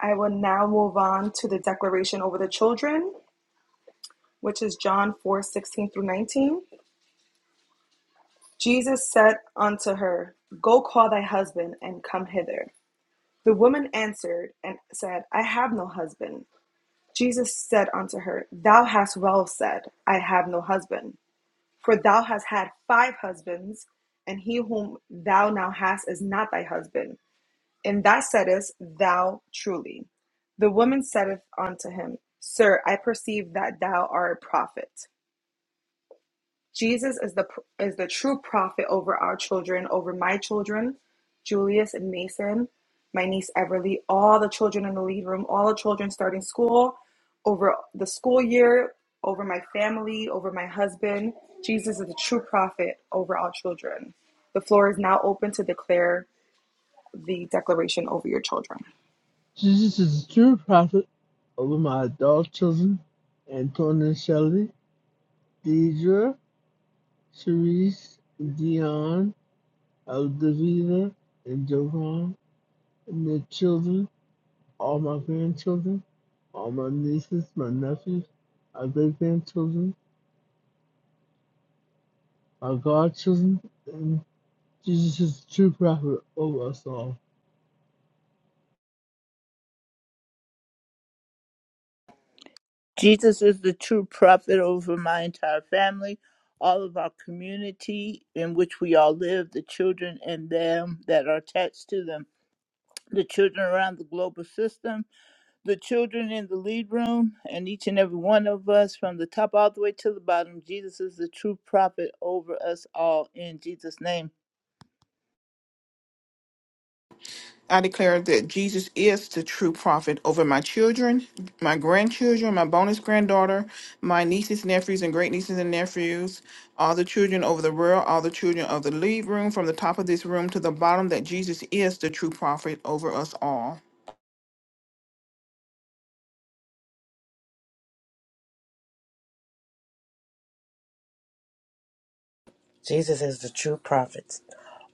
Speaker 2: I will now move on to the declaration over the children. which is John 4 16 through 19. Jesus said unto her, Go call thy husband and come hither. The woman answered and said, I have no husband. Jesus said unto her, Thou hast well said, I have no husband. For thou hast had five husbands, and he whom thou now hast is not thy husband. And that saidest Thou truly. The woman saith unto him, Sir, I perceive that thou art a prophet. Jesus is the is the true prophet over our children, over my children, Julius and Mason, my niece Everly, all the children in the lead room, all the children starting school, over the school year, over my family, over my husband. Jesus is the true prophet over all children. The floor is now open to declare the declaration over your children.
Speaker 4: Jesus is the true prophet over my adult children, Antoine and Shelley, Deidre, Cherise, Dion, Aldavina, and Jovan, and their children. all my grandchildren, all my nieces, my nephews, my great grandchildren, my godchildren, and Jesus is the true prophet over us all.
Speaker 6: Jesus is the true prophet over my entire family, all of our community in which we all live, the children and them that are attached to them, the children around the global system, the children in the lead room, and each and every one of us from the top all the way to the bottom. Jesus is the true prophet over us all in Jesus' name.
Speaker 5: I declare that Jesus is the true prophet over my children, my grandchildren, my bonus granddaughter, my nieces, nephews, and great nieces and nephews, all the children over the world, all the children of the lead room, from the top of this room to the bottom, that Jesus is the true prophet over us all.
Speaker 9: Jesus is the true prophet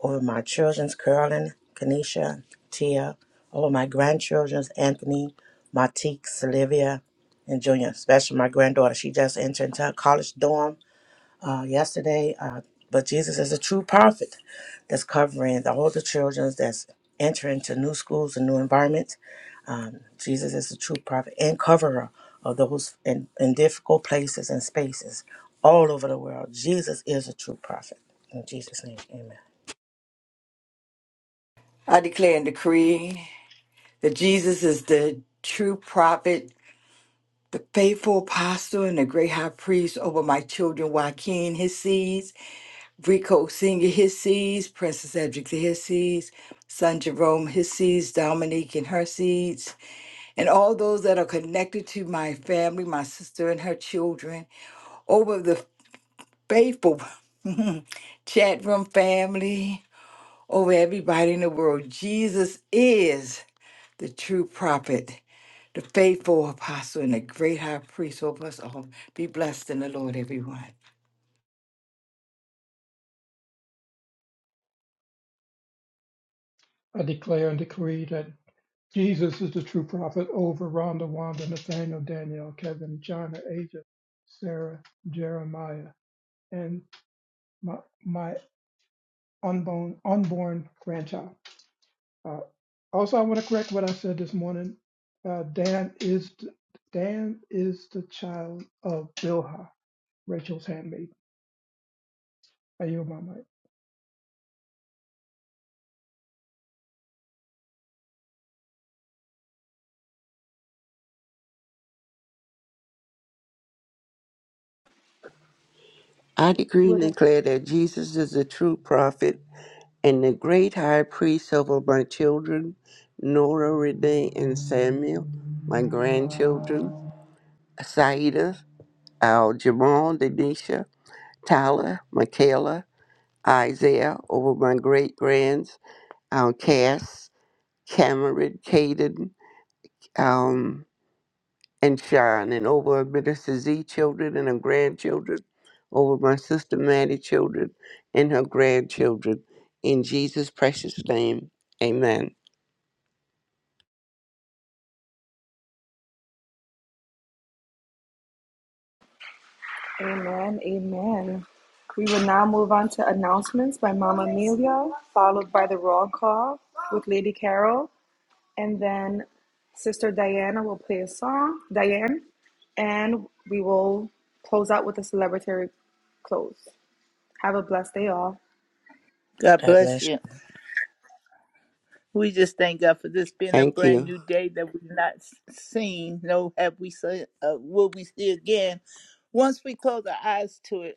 Speaker 9: over my children's Carolyn, Kanisha, Tia, over my grandchildren's Anthony, Martique, Sylvia, and Junior. Especially my granddaughter. She just entered into her college dorm uh, yesterday. Uh, but Jesus is a true prophet that's covering the older children that's entering to new schools and new environments. Um, Jesus is a true prophet and coverer of those in, in difficult places and spaces all over the world. Jesus is a true prophet. In Jesus' name, amen.
Speaker 3: I declare and decree that Jesus is the true prophet, the faithful apostle, and the great high priest over my children, Joaquin, his seeds, Rico Sr., his seeds, Princess Edrica, his seeds, son Jerome, his seeds, Dominique, and her seeds, and all those that are connected to my family, my sister and her children, over the. faithful chat room family, over everybody in the world. Jesus is the true prophet, the faithful apostle, and the great high priest over us all. Be blessed in the Lord, everyone.
Speaker 10: I declare and decree that Jesus is the true prophet over Rhonda, Wanda, Nathaniel, Daniel, Kevin, China, Asia, Sarah, Jeremiah, and my, my unborn, unborn grandchild. Uh, also, I want to correct what I said this morning. Uh, Dan is th- Dan is the child of Bilhah, Rachel's handmaid. I yield my mic.
Speaker 12: I decree and
Speaker 2: Would it?
Speaker 12: declare that Jesus is the true prophet and the great high priest over my children, Nora, Renee, and Samuel, my grandchildren, Saida, Al Jamal, Denisha, Tyler, Michaela, Isaiah, over my great grands, Al Cass, Cameron, Caden, um, and shine and over Minister Z children and her grandchildren, over my sister Maddie children and her grandchildren. In Jesus' precious name, amen.
Speaker 2: Amen. Amen. We will now move on to announcements by Mama Amelia, followed by the roll call with Lady Carol, and then Sister Diana will play a song, Diane, and we will close out with a celebratory close. Have a blessed day, all.
Speaker 6: God
Speaker 9: God
Speaker 6: bless
Speaker 9: bless
Speaker 6: you.
Speaker 9: you.
Speaker 6: We just thank God for this being a
Speaker 12: Thank
Speaker 6: brand
Speaker 12: you.
Speaker 6: new day that we've not s- seen. No, have we seen? Uh, will we see again? Once we close our eyes to it.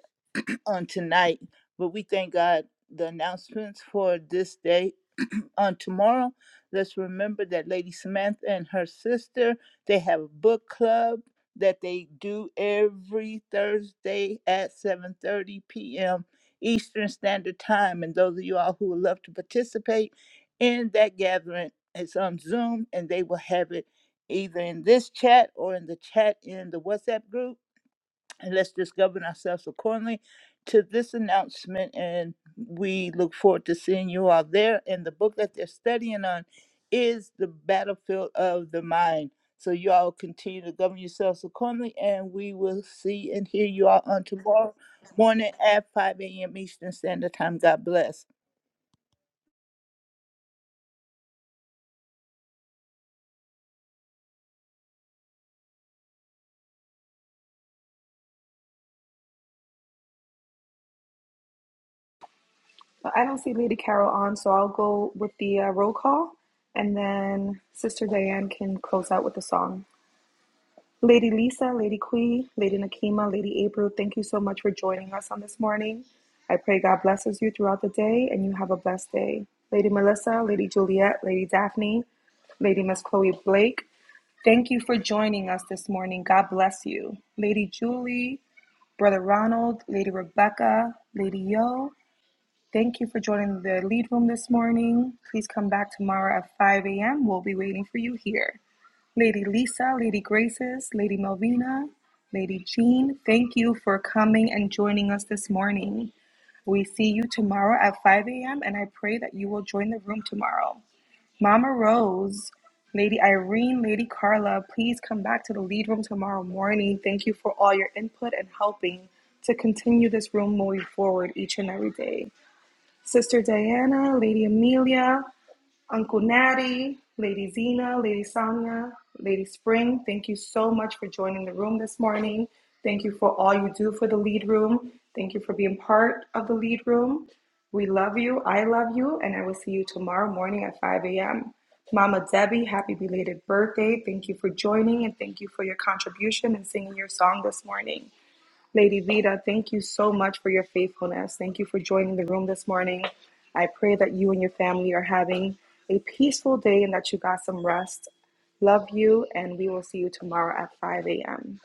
Speaker 6: on tonight, but we thank God the announcements for this day on tomorrow. Let's remember that Lady Samantha and her sister, they have a book club that they do every Thursday at 7:30 p.m. Eastern Standard Time. And those of you all who would love to participate in that gathering, it's on Zoom and they will have it either in this chat or in the chat in the WhatsApp group and let's just govern ourselves accordingly to this announcement. And we look forward to seeing you all there. And the book that they're studying on is The Battlefield of the Mind. So you all continue to govern yourselves accordingly, and we will see and hear you all on tomorrow morning at 5 a.m. Eastern Standard Time. God bless.
Speaker 2: But I don't see Lady Carol on, so I'll go with the uh, roll call, and then Sister Diane can close out with the song. Lady Lisa, Lady Quee, Lady Nakima, Lady April, thank you so much for joining us on this morning. I pray God blesses you throughout the day and you have a blessed day. Lady Melissa, Lady Juliet, Lady Daphne, Lady Miss Chloe Blake, thank you for joining us this morning. God bless you. Lady Julie, Brother Ronald, Lady Rebecca, Lady Yo, thank you for joining the lead room this morning. Please come back tomorrow at 5 a.m. We'll be waiting for you here. Lady Lisa, Lady Graces, Lady Melvina, Lady Jean, thank you for coming and joining us this morning. We see you tomorrow at 5 a.m., and I pray that you will join the room tomorrow. Mama Rose, Lady Irene, Lady Carla, please come back to the lead room tomorrow morning. Thank you for all your input and helping to continue this room moving forward each and every day. Sister Diana, Lady Amelia, Uncle Natty, Lady Zena, Lady Sonia, Lady Spring, thank you so much for joining the room this morning. Thank you for all you do for the lead room. Thank you for being part of the lead room. We love you. I love you. And I will see you tomorrow morning at 5 a.m. Mama Debbie, happy belated birthday. Thank you for joining and thank you for your contribution and singing your song this morning. Lady Vida, thank you so much for your faithfulness. Thank you for joining the room this morning. I pray that you and your family are having a peaceful day and that you got some rest. Love you, and we will see you tomorrow at 5 a.m.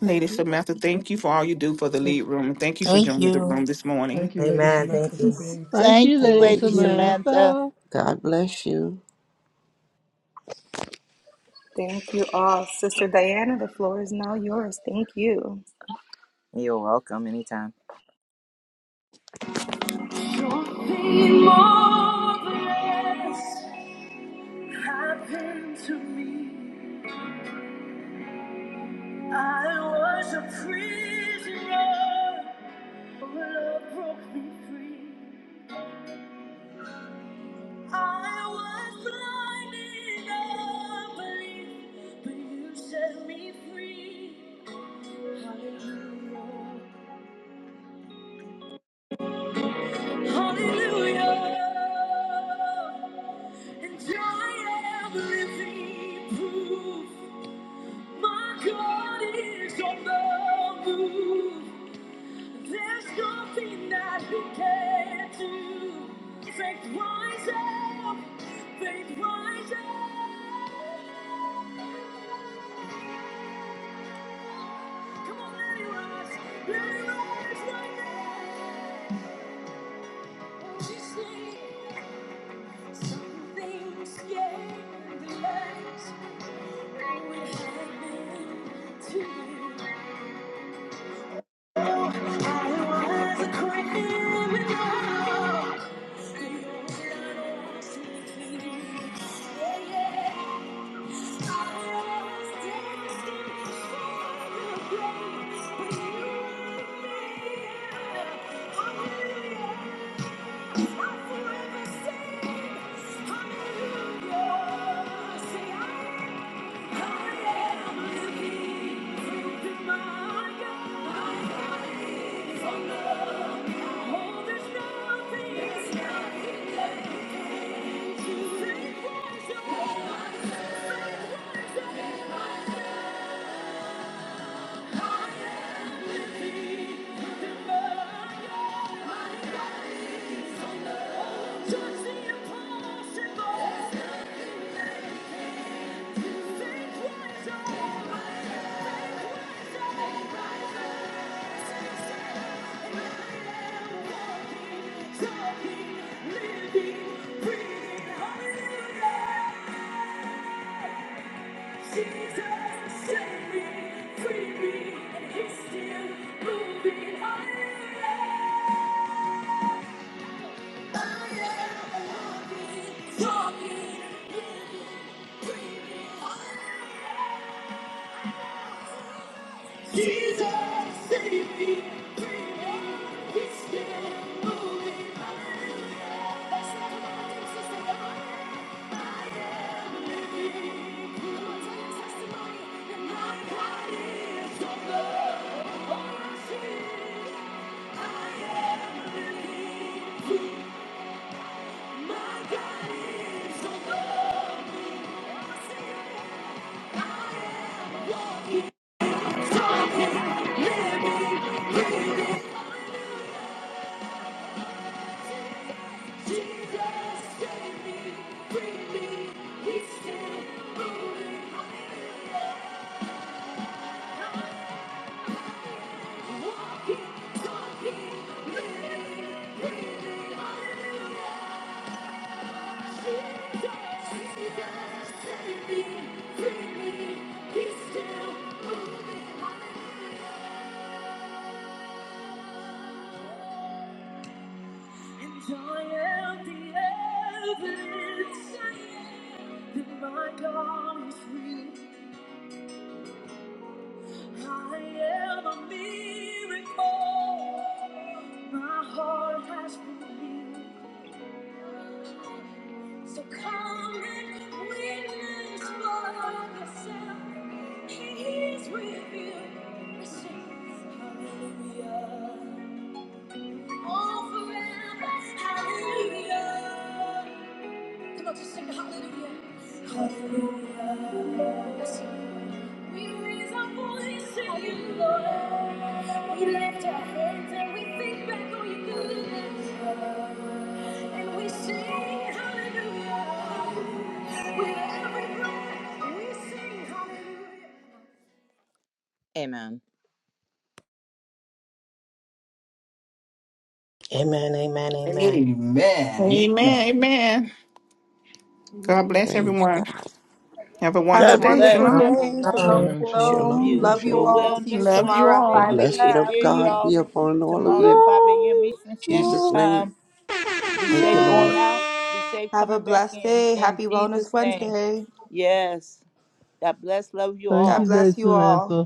Speaker 5: Lady
Speaker 14: Thank you for
Speaker 5: Samantha, thank you for all you do for the lead
Speaker 10: Hey,
Speaker 5: room. Thank you for
Speaker 9: Thank
Speaker 5: joining the room
Speaker 9: you.
Speaker 5: this
Speaker 10: thank
Speaker 5: morning.
Speaker 10: you, Lady
Speaker 9: Amen.
Speaker 10: Samantha,
Speaker 9: Thank
Speaker 10: for
Speaker 9: you.
Speaker 10: being
Speaker 4: Thank
Speaker 6: Thank
Speaker 4: you,
Speaker 6: you,
Speaker 10: here
Speaker 4: Lady
Speaker 10: this
Speaker 12: Thank
Speaker 6: Lady
Speaker 10: morning.
Speaker 12: you.
Speaker 6: Samantha.
Speaker 4: Samantha.
Speaker 12: God bless you.
Speaker 2: Thank you all. Sister Diana, the floor is now yours. Thank you.
Speaker 15: You're welcome anytime. More grace happened to me. I was a prisoner, but love broke me free. I was blind in unbelief, but you set me free. Hallelujah. Hallelujah. And I am living proof. My God is on the move. There's nothing that He can't do. Faith rise up, faith rise up. Come on, let it rise, let it rise right now. Won't you see? Some things can't be lies. We have been to you. I was a criminal. Hallelujah. Say, I just the impossible. I am walking, Talking, breathing, Jesus, save me, bring me. he's still moving. That's not the one that's just about me. Who knows my testimony and my God is on the horse. Jesus, save me, bring me. he's still moving. Walking, talking, living, breathing. hallelujah. My heart has been healed. So come and witness for yourself. He is with you. Receive. Hallelujah. All forever. Hallelujah. Come on, just sing hallelujah. Hallelujah. Yes, We raise our voice to you, Lord. We lift our hands and we think back on your goodness. And we sing hallelujah. With every breath, we sing hallelujah. Amen.
Speaker 9: Amen, amen, amen.
Speaker 3: Amen. Amen.
Speaker 5: Amen. Amen. God
Speaker 14: amen.
Speaker 5: bless
Speaker 12: Praise
Speaker 5: everyone.
Speaker 12: God.
Speaker 5: Have a
Speaker 2: Have a
Speaker 5: wonderful
Speaker 6: God
Speaker 14: God
Speaker 5: day.
Speaker 14: bless.
Speaker 2: wonderful
Speaker 6: bless. Have
Speaker 5: Shalom.
Speaker 6: a
Speaker 2: day. Shalom,
Speaker 10: Amen.
Speaker 6: wonderful,
Speaker 10: Shalom.
Speaker 2: shalom.
Speaker 12: Shalom,
Speaker 10: Shalom.
Speaker 2: Love you
Speaker 6: beautiful
Speaker 12: shalom.
Speaker 2: all. See you
Speaker 6: Wellness
Speaker 5: Love you
Speaker 2: tomorrow at
Speaker 12: The
Speaker 6: Wednesday.
Speaker 5: all.
Speaker 2: 5
Speaker 6: And
Speaker 12: blessing
Speaker 6: we
Speaker 12: of
Speaker 6: hear
Speaker 2: a.m.
Speaker 12: God
Speaker 6: y'all
Speaker 12: be upon all of
Speaker 6: tomorrow at
Speaker 12: you.
Speaker 6: 5 a.m.
Speaker 4: Long,
Speaker 6: Eastern
Speaker 12: In
Speaker 6: Standard
Speaker 12: Jesus'
Speaker 4: long,
Speaker 6: Time.
Speaker 12: name.
Speaker 6: Be
Speaker 12: Thank you,
Speaker 6: safe
Speaker 12: Lord.
Speaker 6: going
Speaker 4: long.
Speaker 6: out. Be safe
Speaker 2: Have a
Speaker 6: coming back
Speaker 2: blessed
Speaker 6: in.
Speaker 2: day.
Speaker 6: In
Speaker 2: Happy Wellness
Speaker 6: Jesus' name.
Speaker 2: Wednesday.
Speaker 6: Yes. God bless. Love you
Speaker 4: Thank
Speaker 6: all.
Speaker 2: God
Speaker 4: you, Lady
Speaker 2: bless you all.
Speaker 4: Samantha.